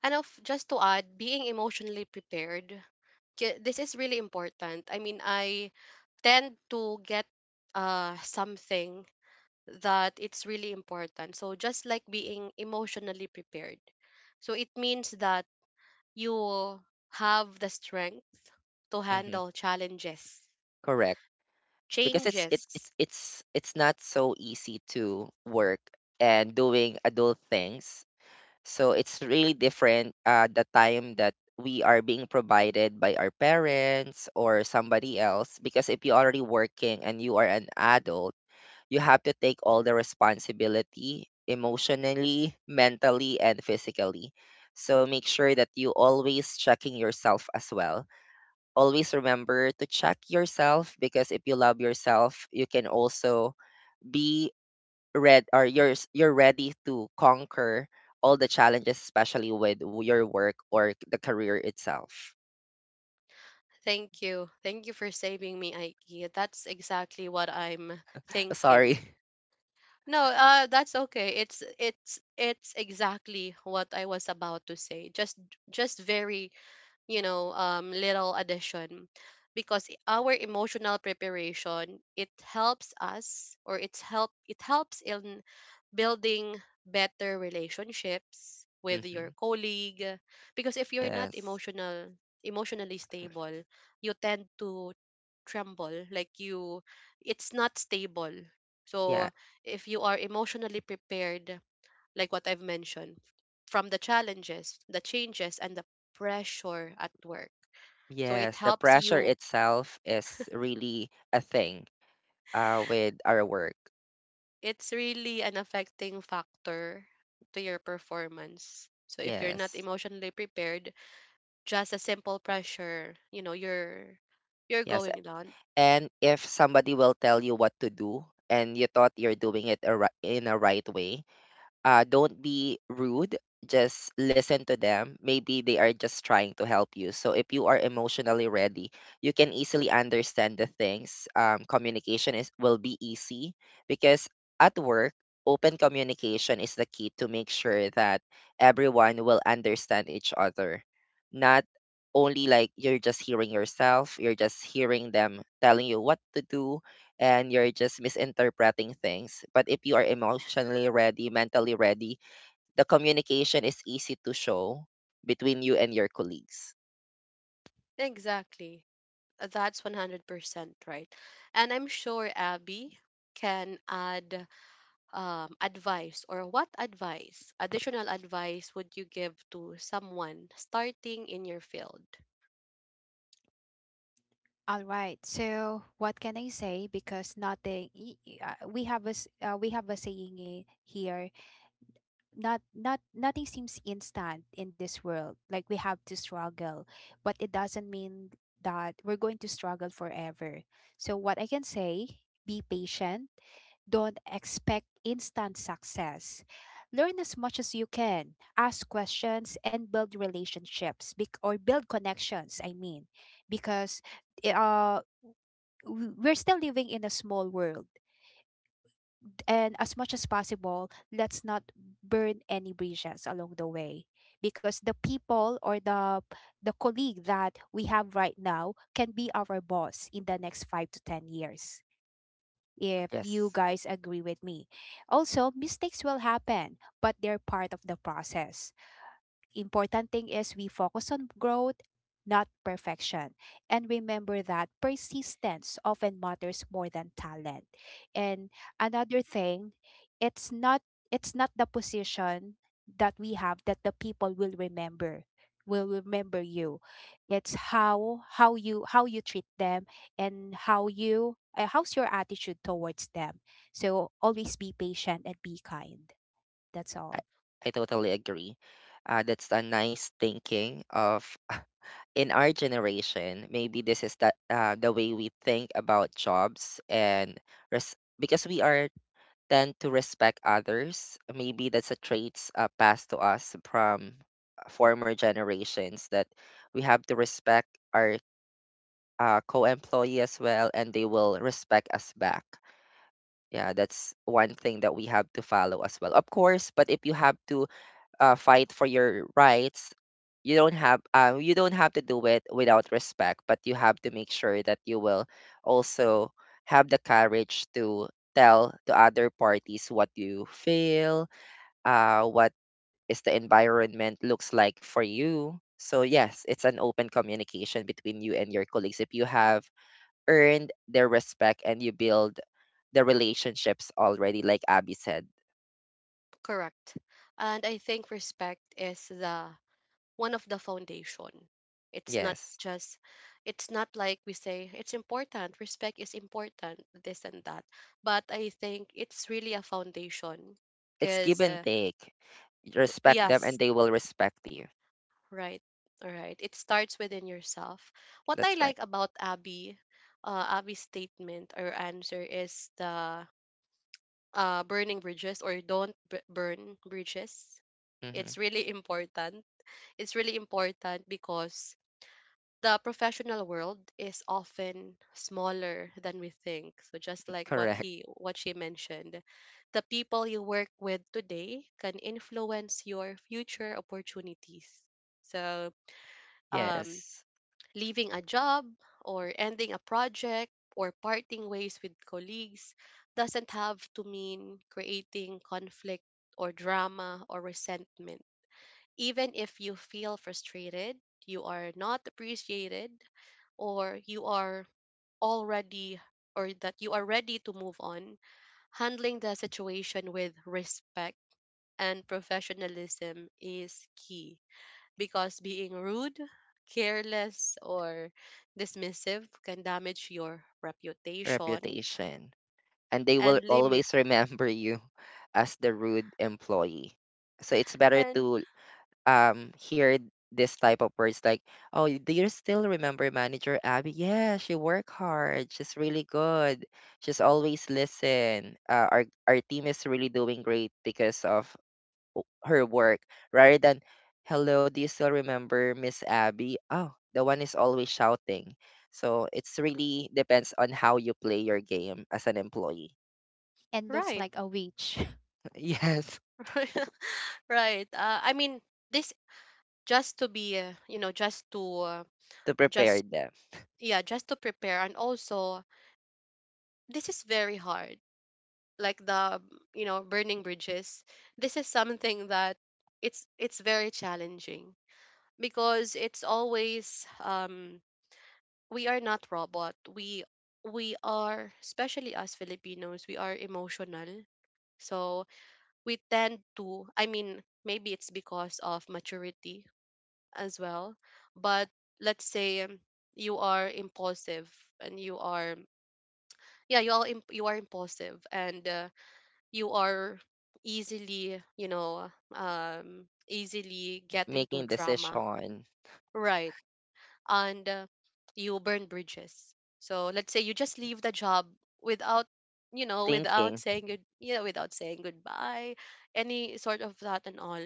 Speaker 1: And of just to add, being emotionally prepared. This is really important. I mean, I tend to get something that it's really important. So just like being emotionally prepared. So it means that you have the strength to
Speaker 2: Hmm.
Speaker 1: handle challenges,
Speaker 2: Correct. Because it's it
Speaker 1: changes.
Speaker 2: it's not so easy to work and doing adult things. So it's really different the time that we are being provided by our parents or somebody else, because if you're already working and you are an adult, you have to take all the responsibility emotionally, mentally, and physically. So make sure that you always checking yourself as well. Always remember to check yourself, because if you love yourself, you can also be red, or you're ready to conquer all the challenges, especially with your work or the career itself.
Speaker 1: Thank you. Thank you for saving me, Aiki. That's exactly what I'm
Speaker 2: Sorry.
Speaker 1: thinking. No, that's okay. It's exactly what I was about to say. Just very, you know, little addition, because our emotional preparation, it helps us, or it helps in building better relationships with
Speaker 2: Hmm.
Speaker 1: your colleague, because if you're not
Speaker 2: Yes.
Speaker 1: emotional, emotionally stable, you tend to tremble, like you, it's not stable.
Speaker 2: Yeah.
Speaker 1: So if you are emotionally prepared, like what I've mentioned, from the challenges, the changes, and the pressure at work. So it
Speaker 2: Yes. The
Speaker 1: helps
Speaker 2: pressure
Speaker 1: you.
Speaker 2: itself is really a thing with our work.
Speaker 1: It's really an affecting factor to your performance. So if you're not
Speaker 2: Yes.
Speaker 1: emotionally prepared, just a simple pressure, you know, you're
Speaker 2: Yes.
Speaker 1: going down.
Speaker 2: And if somebody will tell you what to do and you thought you're doing it in a right way, don't be rude. Just listen to them. Maybe they are just trying to help you. So if you are emotionally ready, you can easily understand the things. Communication is will be easy because at work, open communication is the key to make sure that everyone will understand each other. Not only like you're just hearing yourself, you're just hearing them telling you what to do, and you're just misinterpreting things. But if you are emotionally ready, mentally ready, the communication is easy to show between you and your colleagues.
Speaker 1: Exactly. That's 100% right. And I'm sure Abby can add advice, or what advice, additional advice would you give to someone starting in your field?
Speaker 3: All right. So, what can I say? Because nothing. We have a saying here. Nothing seems instant in this world. Like, we have to struggle, but it doesn't mean that we're going to struggle forever. So, what I can say: be patient. Don't expect instant success. Learn as much as you can. Ask questions and build relationships, or build connections. I mean, because i- uh we're still living in a small world, and as much as possible, let's not burn any bridges along the way, because the people, or the colleague that we have right now, can be our boss in the next 5 to 10 years, if you
Speaker 2: Yes,
Speaker 3: guys agree with me. Also, mistakes will happen, but they're part of the process. Important thing is we focus on growth, not perfection. And remember that persistence often matters more than talent. And another thing, it's not it's not the position that we have that the people will remember you. It's how you treat them, and how you, how's your attitude towards them. So always be patient and be kind. That's
Speaker 2: I,
Speaker 3: all.
Speaker 2: I totally agree. That's a nice thinking of in our generation. Maybe this is the way we think about jobs and because we are tend to respect others. Maybe that's a traits passed to us from former generations that we have to respect our co-employee as well, and they will respect us back. Yeah, that's one thing that we have to follow as well. Of course, but if you have to fight for your rights, you don't have to do it without respect, but you have to make sure that you will also have the courage to tell the other parties what you feel, what is the environment looks like for you. So yes, it's an open communication between you and your colleagues. If you have earned their respect and you build the relationships already, like Abby said.
Speaker 1: Correct. And I think respect is the one of the foundation. It's not
Speaker 2: Yes.
Speaker 1: just, it's not like we say it's important, respect is important, this and that. But I think it's really a foundation
Speaker 2: It's give
Speaker 1: because,
Speaker 2: and take. Respect them and
Speaker 1: yes,
Speaker 2: they will respect you.
Speaker 1: right. All right. It starts within yourself. What I
Speaker 2: That's right.
Speaker 1: like about Abby, Abby's statement or answer is the burning bridges, or don't burn bridges.
Speaker 2: Hmm.
Speaker 1: It's really important. It's really important because the professional world is often smaller than we think. So just like what
Speaker 2: Correct.
Speaker 1: he, what she mentioned, the people you work with today can influence your future opportunities. So um
Speaker 2: Yes.
Speaker 1: leaving a job or ending a project or parting ways with colleagues doesn't have to mean creating conflict or drama or resentment. Even if you feel frustrated, you are not appreciated, or you are already or that you are ready to move on, handling the situation with respect and professionalism is key, because being rude, careless, or dismissive can damage your reputation
Speaker 2: Reputation. And they will
Speaker 1: and limit.
Speaker 2: always remember you as the rude employee. So it's better
Speaker 1: And
Speaker 2: to hear this type of words like, "Oh, do you still remember manager Abby? Yeah, she worked hard. She's really good. She's always listen. Our team is really doing great because of her work," rather than, "Hello, do you still remember Miss Abby? Oh, the one is always shouting." So it's really depends on how you play your game as an employee.
Speaker 3: And looks
Speaker 1: right,
Speaker 3: like a witch.
Speaker 2: Yes.
Speaker 1: right. I mean, this just to be, you know, just to,
Speaker 2: To prepare
Speaker 1: just,
Speaker 2: them.
Speaker 1: yeah, just to prepare. And also, this is very hard. Like the, you know, burning bridges. This is something that it's very challenging because it's always we are not robot. We are, especially us Filipinos, we are emotional. So we tend to, I mean, maybe it's because of maturity as well. But let's say you are impulsive and you are, yeah, you are you are impulsive and you are easily, you know, easily get into
Speaker 2: Making
Speaker 1: drama.
Speaker 2: decision.
Speaker 1: Right. And you burn bridges. So let's say you just leave the job without, you know, without
Speaker 2: Thinking.
Speaker 1: saying good you know, without saying goodbye, any sort of that, and all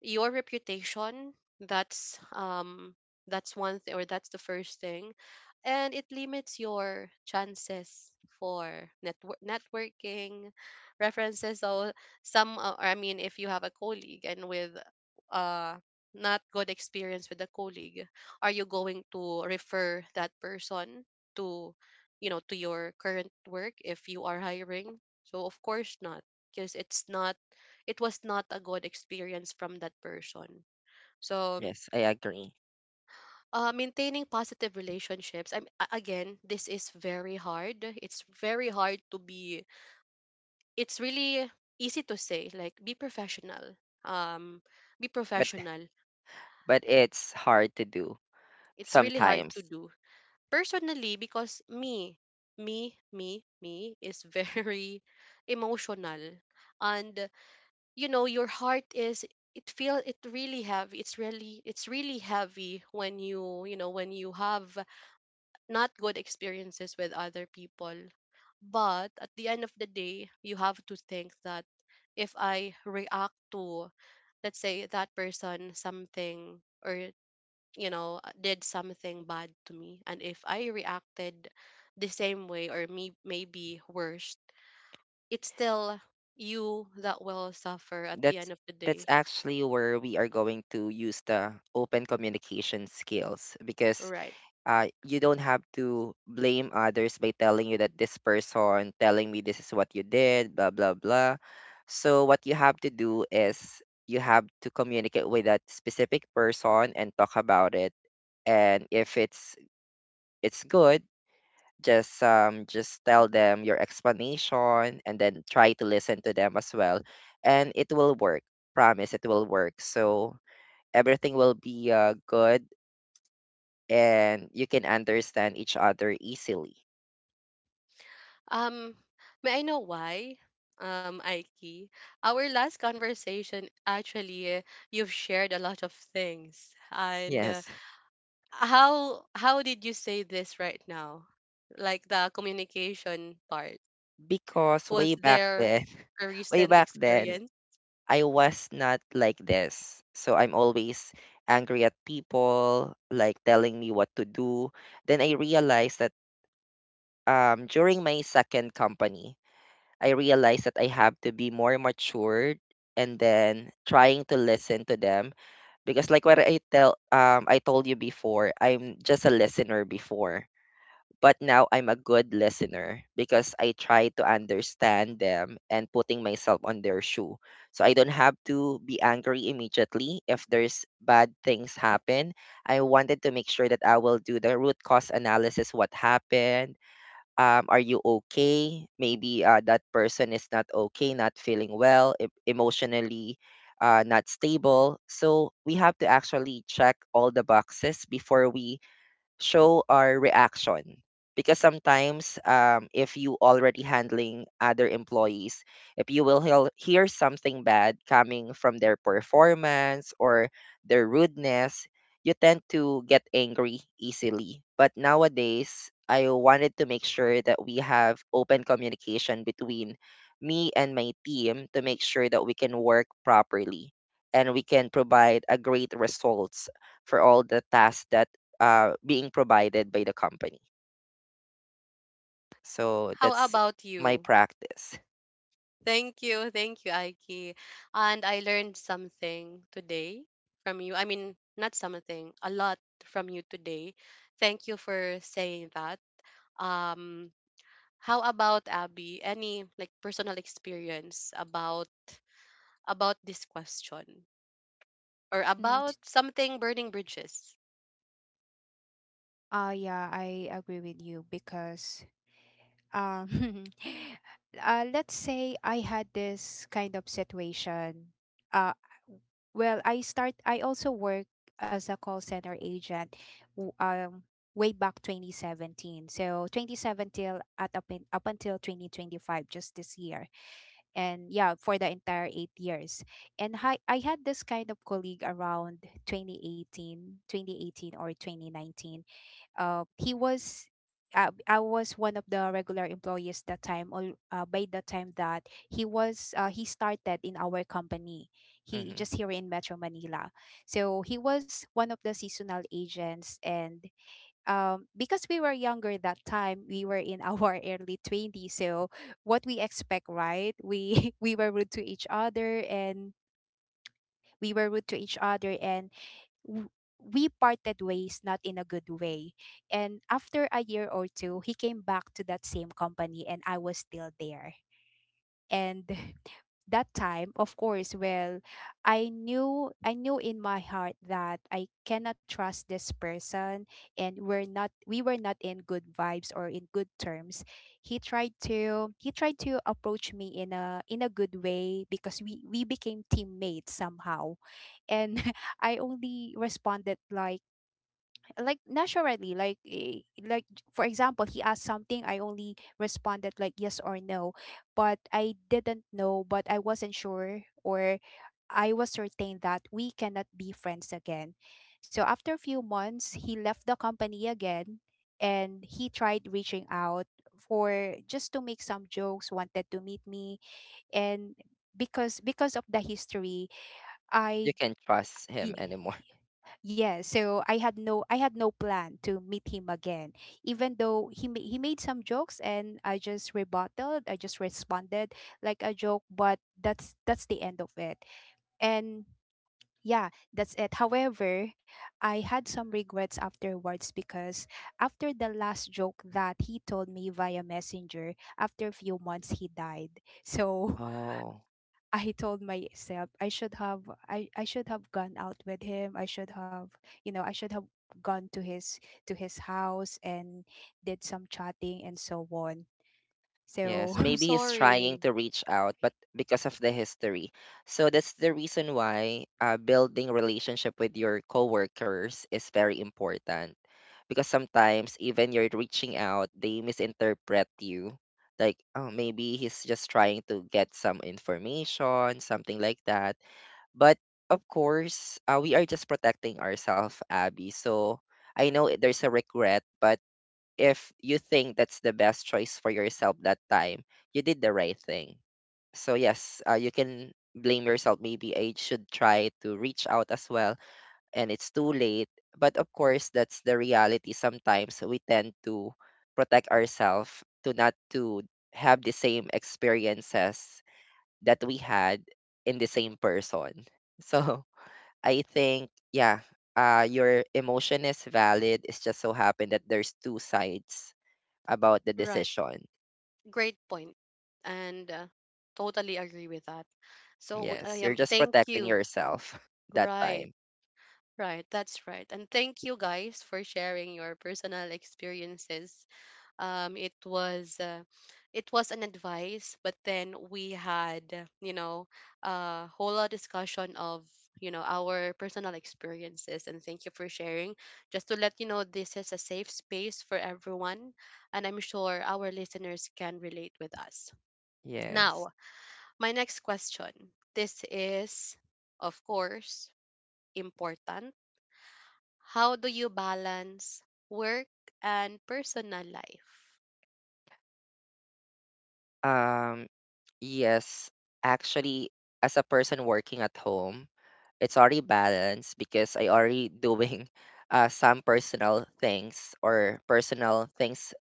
Speaker 1: your reputation, that's um that's one thing, or that's the first thing, and it limits your chances for networking, references. So some, I mean, if you have a colleague and with uh not good experience with a colleague, are you going to refer that person to, you know, to your current work if you are hiring? So of course not, because it's not, it was not a good experience from that person. So,
Speaker 2: Yes, I agree.
Speaker 1: maintaining positive relationships. Again, this is very hard. It's very hard to be. It's really easy to say, like be professional. Um, be
Speaker 2: but
Speaker 1: professional.
Speaker 2: but it's hard to do
Speaker 1: It's really hard to
Speaker 2: sometimes.
Speaker 1: do personally because me, is very emotional, and you know your heart is it feel it really heavy, it's really heavy when you have not good experiences with other people. But at the end of the day, you have to think that if I react to, let's say, that person something, or did something bad to me, and if I reacted the same way, or me maybe worse, it's still you that will suffer at the
Speaker 2: that's
Speaker 1: end of the
Speaker 2: that's
Speaker 1: day.
Speaker 2: actually where we are going to use the open communication skills because
Speaker 1: Right.
Speaker 2: you don't have to blame others by telling you that this person telling me this is what you did, blah, blah, blah. So, what you have to do is you have to communicate with that specific person and talk about it. And if it's good, just tell them your explanation and then try to listen to them as well. And it will work. Promise it will work. So everything will be good and you can understand each other easily.
Speaker 1: Um, may I know why? Aiki, our last conversation actually, you've shared a lot of things, and
Speaker 2: Yes,
Speaker 1: how did you say this right now? Like the communication part.
Speaker 2: because way
Speaker 1: Was
Speaker 2: back
Speaker 1: there
Speaker 2: then,
Speaker 1: a
Speaker 2: way
Speaker 1: recent
Speaker 2: back then,
Speaker 1: experience?
Speaker 2: I was not like this. So I'm always angry at people, like telling me what to do. Then I realized that during my second company, I realized that I have to be more matured and then trying to listen to them because like what I tell I told you before, I'm just a listener before. But now I'm a good listener because I try to understand them and putting myself on their shoe. So I don't have to be angry immediately if there's bad things happen. I wanted to make sure that I will do the root cause analysis what happened. Are you okay? Maybe that person is not okay, not feeling well, emotionally not stable. So we have to actually check all the boxes before we show our reaction because sometimes if you already handling other employees, if you will hear something bad coming from their performance or their rudeness, you tend to get angry easily. But nowadays I wanted to make sure that we have open communication between me and my team to make sure that we can work properly and we can provide a great results for all the tasks that being provided by the company. So
Speaker 1: How
Speaker 2: that's
Speaker 1: about
Speaker 2: my
Speaker 1: you?
Speaker 2: practice.
Speaker 1: Thank you, thank you, Aiki. And I learned something today from you. I mean, not something, a lot from you today. Thank you for saying that. Um, How about Abby? Any like personal experience about this question, or
Speaker 3: Mm.
Speaker 1: about something burning bridges?
Speaker 3: Yeah, I agree with you because um let's say I had this kind of situation. Uh well, I also work as a call center agent w- um way back 2017. So 2017 till at up, in, up until 2025, just this year. And yeah, for the entire 8 years. And I had this kind of colleague around twenty eighteen or 2019. He was, I was one of the regular employees that time. All By the time that he started in our company, he
Speaker 2: Hmm.
Speaker 3: just here in Metro Manila. So he was one of the seasonal agents, and because we were younger that time, we were in our early 20s. So what we expect, right? We we were rude to each other, and w- we parted ways not in a good way. And after a year or two, he came back to that same company, and I was still there. And that time, of course, well, I knew in my heart that I cannot trust this person, and we were not in good vibes or in good terms. He tried to approach me in a good way, because we became teammates somehow. And I only responded, like, naturally, like, for example, he asked something, I only responded like yes or no. But I didn't know, but I wasn't sure, or I was certain that we cannot be friends again. So after a few months, he left the company again, and he tried reaching out, for just to make some jokes, wanted to meet me. And because of the history, i
Speaker 2: You can't trust him
Speaker 3: y-
Speaker 2: anymore.
Speaker 3: yeah, so I had no plan to meet him again. Even though he made some jokes, and I just rebutted, I just responded like a joke, but that's the end of it. And yeah, that's it. However, I had some regrets afterwards because after the last joke that he told me via messenger, after a few months he died. So
Speaker 2: Oh,
Speaker 3: I told myself I should have gone out with him. I should have gone to his house and did some chatting and so on.
Speaker 2: yes.
Speaker 1: I'm
Speaker 3: So.
Speaker 2: Maybe he's trying
Speaker 1: sorry.
Speaker 2: to reach out, but because of the history. So that's the reason why building relationship with your coworkers is very important. Because sometimes even you're reaching out, they misinterpret you. Like, oh, maybe he's just trying to get some information, something like that. But of course, we are just protecting ourselves, Abby. So I know there's a regret, but if you think that's the best choice for yourself that time, you did the right thing. So yes, you can blame yourself. Maybe I should try to reach out as well, and it's too late. But of course, that's the reality. Sometimes we tend to protect ourselves to not to have the same experiences that we had in the same person. So I think, yeah, your emotion is valid. It's just so happened that there's two sides about the
Speaker 1: Right.
Speaker 2: decision.
Speaker 1: Great point. And totally agree with that. So I
Speaker 2: Yes, you're
Speaker 1: am,
Speaker 2: just
Speaker 1: thank
Speaker 2: protecting
Speaker 1: you.
Speaker 2: yourself that
Speaker 1: Right.
Speaker 2: time.
Speaker 1: Right. That's right. And thank you guys for sharing your personal experiences. It was it was an advice, but then we had, you know, a whole lot discussion of, you know, our personal experiences, and thank you for sharing. Just to let you know, this is a safe space for everyone, and I'm sure our listeners can relate with us.
Speaker 2: Yes.
Speaker 1: Now, my next question, this is, of course, important. How do you balance work and personal life?
Speaker 2: Um, yes, actually, as a person working at home, it's already balanced because I already doing some personal things or personal things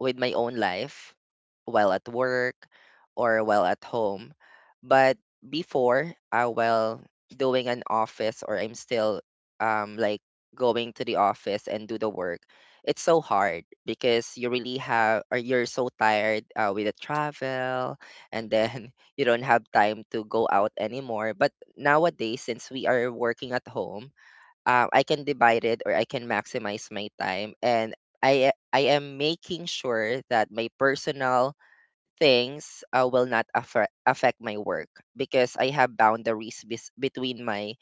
Speaker 2: with my own life while at work or while at home. But before, while doing an office or I'm still like going to the office and do the work, it's so hard because you really have or you're so tired with the travel and then you don't have time to go out anymore. But nowadays, since we are working at home, I can divide it or I can maximize my time and I am making sure that my personal things will not affect my work because I have boundaries between my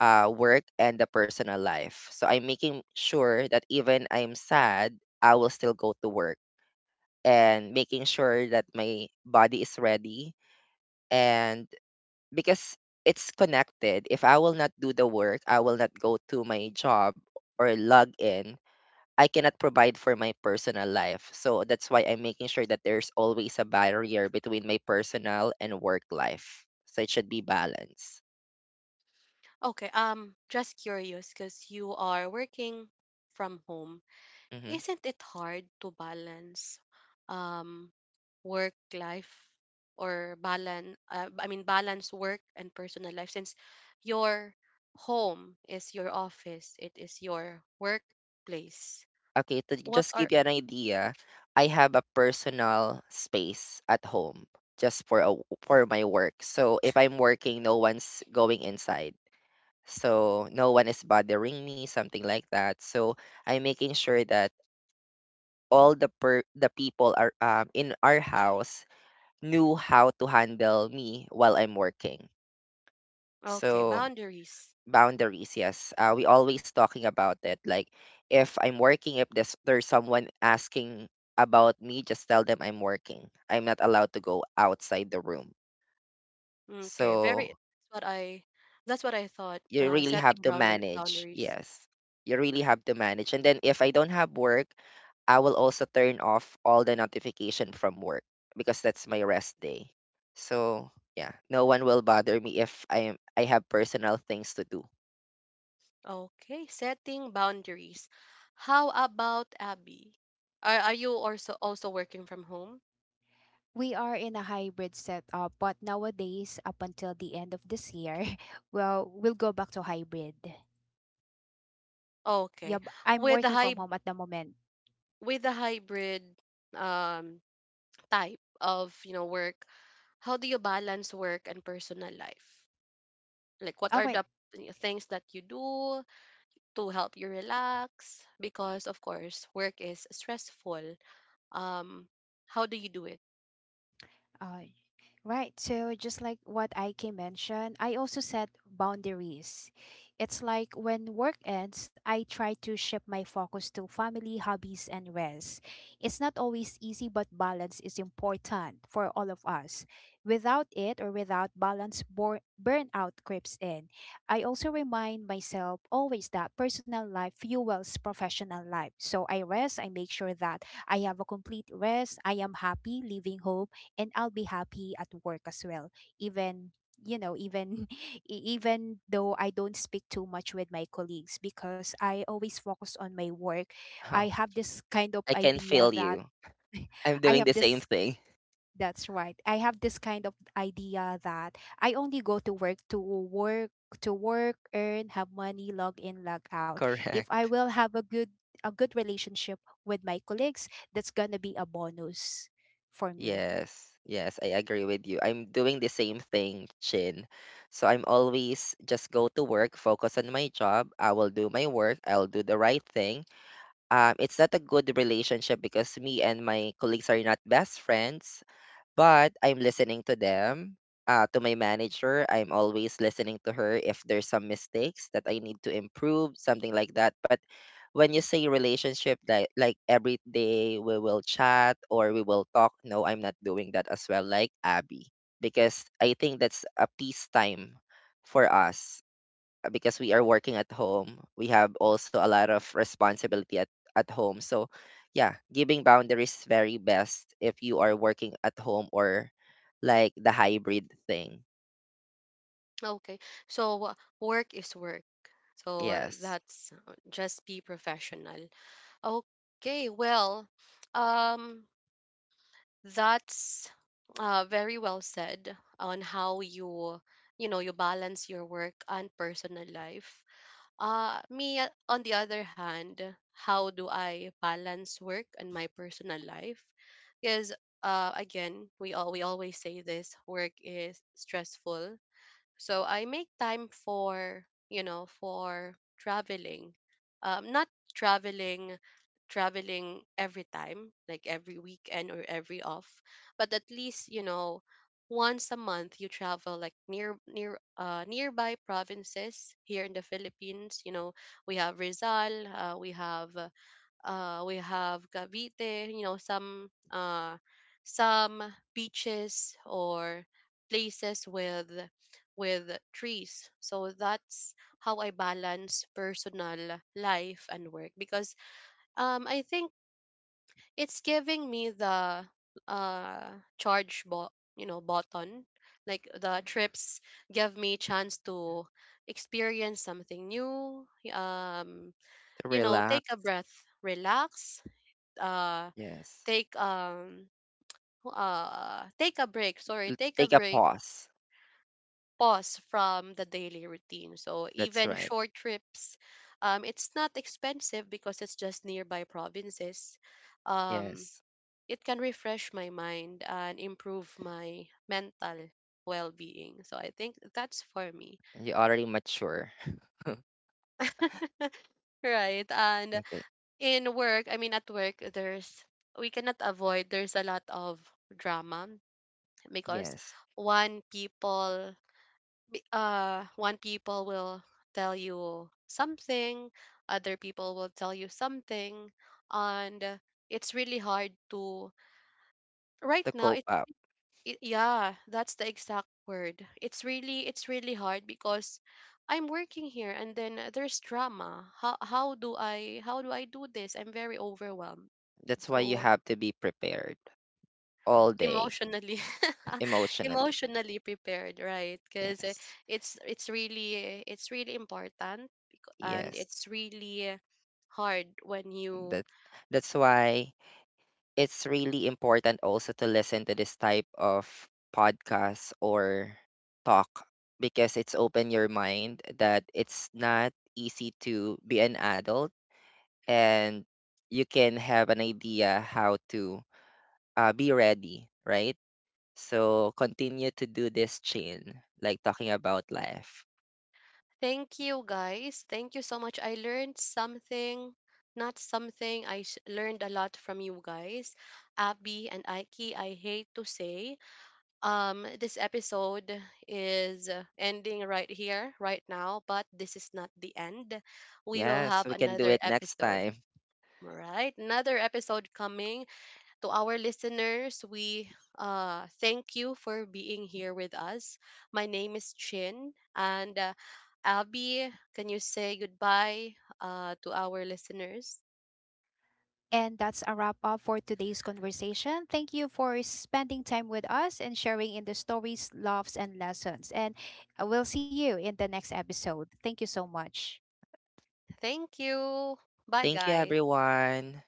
Speaker 2: work and the personal life. So I'm making sure that even I'm sad, I will still go to work and making sure that my body is ready and because it's connected. If I will not do the work, I will not go to my job or log in. I cannot provide for my personal life. So that's why I'm making sure that there's always a barrier between my personal and work life. So it should be balanced.
Speaker 1: Okay, just curious because you are working from home.
Speaker 2: hmm
Speaker 1: Isn't it hard to balance um work life, or balance I mean, balance work and personal life since your home is your office, it is your workplace.
Speaker 2: Okay, to
Speaker 1: What
Speaker 2: just
Speaker 1: are,
Speaker 2: give you an idea, I have a personal space at home just for for my work. So if I'm working, no one's going inside. So no one is bothering me something like that. So I'm making sure that all the the people are in our house knew how to handle me while I'm working.
Speaker 1: okay,
Speaker 2: So
Speaker 1: boundaries.
Speaker 2: boundaries, yes, we always talking about it like if I'm working, if there's someone asking about me, just tell them I'm working, I'm not allowed to go outside the room.
Speaker 1: Okay, very, that's
Speaker 2: So
Speaker 1: what I, that's what I thought.
Speaker 2: you really have
Speaker 1: Setting
Speaker 2: to
Speaker 1: bounder
Speaker 2: manage.
Speaker 1: boundaries.
Speaker 2: Yes. You really have to manage. And then if I don't have work, I will also turn off all the notification from work because that's my rest day. So yeah, no one will bother me if I have personal things to do.
Speaker 1: Okay, setting boundaries. How about Abby? Are you also working from home?
Speaker 3: We are in a hybrid setup, but nowadays up until the end of this year, well, we'll go back to hybrid. Yeah,
Speaker 1: Okay.
Speaker 3: I'm
Speaker 1: With
Speaker 3: working
Speaker 1: the
Speaker 3: from
Speaker 1: high
Speaker 3: home at the moment.
Speaker 1: with the hybrid um type of, you know, work, how do you balance work and personal life? Like, what
Speaker 3: Oh,
Speaker 1: are
Speaker 3: wait.
Speaker 1: the things that you do to help you relax? Because, of course, work is stressful. Um how do you do it?
Speaker 3: Uh, Right. So just like what Ike mentioned, I also set boundaries. It's like when work ends, I try to shift my focus to family, hobbies, and rest. It's not always easy, but balance is important for all of us. Without it, or without balance, burnout creeps in. I also remind myself always that personal life fuels professional life. So I rest, I make sure that I have a complete rest, I am happy leaving home, and I'll be happy at work as well. Even even e- even though I don't speak too much with my colleagues because I always focus on my work. I
Speaker 2: Oh,
Speaker 3: have this kind of
Speaker 2: I can
Speaker 3: idea
Speaker 2: feel
Speaker 3: that
Speaker 2: you. I'm
Speaker 3: I
Speaker 2: doing
Speaker 3: have
Speaker 2: the same
Speaker 3: this
Speaker 2: thing.
Speaker 3: that's right. I have this kind of idea that I only go to work, earn, have money, log in, log out. If I
Speaker 2: Correct.
Speaker 3: will have a good relationship with my colleagues, that's gonna be a bonus for me.
Speaker 2: Yes. Yes, I agree with you. I'm doing the same thing, Chin. So I'm always just go to work, focus on my job. I will do my work. I'll do the right thing. It's not a good relationship because me and my colleagues are not best friends, but I'm listening to them. To my manager, I'm always listening to her if there's some mistakes that I need to improve, something like that. But when you say relationship, like every day we will chat or we will talk, no, I'm not doing that as well, like Abby, because I think that's a peace time for us because we are working at home, we have also a lot of responsibility at home. So, yeah, giving boundaries is very best if you are working at home or like the hybrid thing.
Speaker 1: Okay. So work is work. So
Speaker 2: Yes.
Speaker 1: that's just be professional. Okay. Well, um that's very well said on how you, you know, you balance your work and personal life. Uh, me, on the other hand, how do I balance work and my personal life? Because again, we always say this, work is stressful, so I make time for, you know, for traveling. Not traveling traveling every time, like every weekend or every off, but at least, you know, once a month you travel like nearby provinces here in the Philippines. You know, we have Rizal, we have Cavite, you know, some beaches, or places with trees. So that's how I balance personal life and work because, I think it's giving me the uh, you know, button. Like the trips give me chance to experience something new, um,
Speaker 2: To
Speaker 1: you know, take a
Speaker 2: relax.
Speaker 1: breath, relax, uh
Speaker 2: Yes.
Speaker 1: take wh- take a break sorry
Speaker 2: L-
Speaker 1: take a
Speaker 2: Take a
Speaker 1: break,
Speaker 2: pause.
Speaker 1: pause from the daily routine. So
Speaker 2: That's
Speaker 1: even
Speaker 2: right.
Speaker 1: short trips, it's not expensive because it's just nearby provinces. Um,
Speaker 2: Yes.
Speaker 1: it can refresh my mind and improve my mental well-being, so I think that's for me.
Speaker 2: You already mature.
Speaker 1: Right. And
Speaker 2: Okay.
Speaker 1: in work, I mean, at work, there's, we cannot avoid, there's a lot of drama because
Speaker 2: Yes.
Speaker 1: one people one people will tell you something, other people will tell you something, and it's really hard to, right
Speaker 2: To
Speaker 1: now
Speaker 2: cope
Speaker 1: it,
Speaker 2: up.
Speaker 1: it yeah, that's the exact word. It's really hard because I'm working here, and then there's drama. How do I do this? I'm very overwhelmed,
Speaker 2: That's why you
Speaker 1: so,
Speaker 2: have to be prepared all day
Speaker 1: emotionally,
Speaker 2: emotionally.
Speaker 1: emotionally prepared, right? Because
Speaker 2: Yes.
Speaker 1: it's really important, and it's
Speaker 2: Yes.
Speaker 1: really hard when you,
Speaker 2: That that's why it's really important also to listen to this type of podcast or talk because it's open your mind that it's not easy to be an adult, and you can have an idea how to be ready, right? So continue to do this chain like talking about life.
Speaker 1: thank you guys, thank you so much. I learned something, not something, learned a lot from you guys, Abby and Aiki. I hate to say, this episode is ending right here, right now, but this is not the end. We will
Speaker 2: Yes,
Speaker 1: have
Speaker 2: we can do
Speaker 1: another
Speaker 2: it next
Speaker 1: episode.
Speaker 2: time.
Speaker 1: Right, another episode coming. To our listeners, we, thank you for being here with us. My name is Chin, and Abby, can you say goodbye to our listeners?
Speaker 3: And that's a wrap up for today's conversation. Thank you for spending time with us and sharing in the stories, loves, and lessons. And we'll see you in the next episode. Thank you so much.
Speaker 1: Thank you. Bye,
Speaker 2: Thank you
Speaker 1: guys.
Speaker 2: everyone.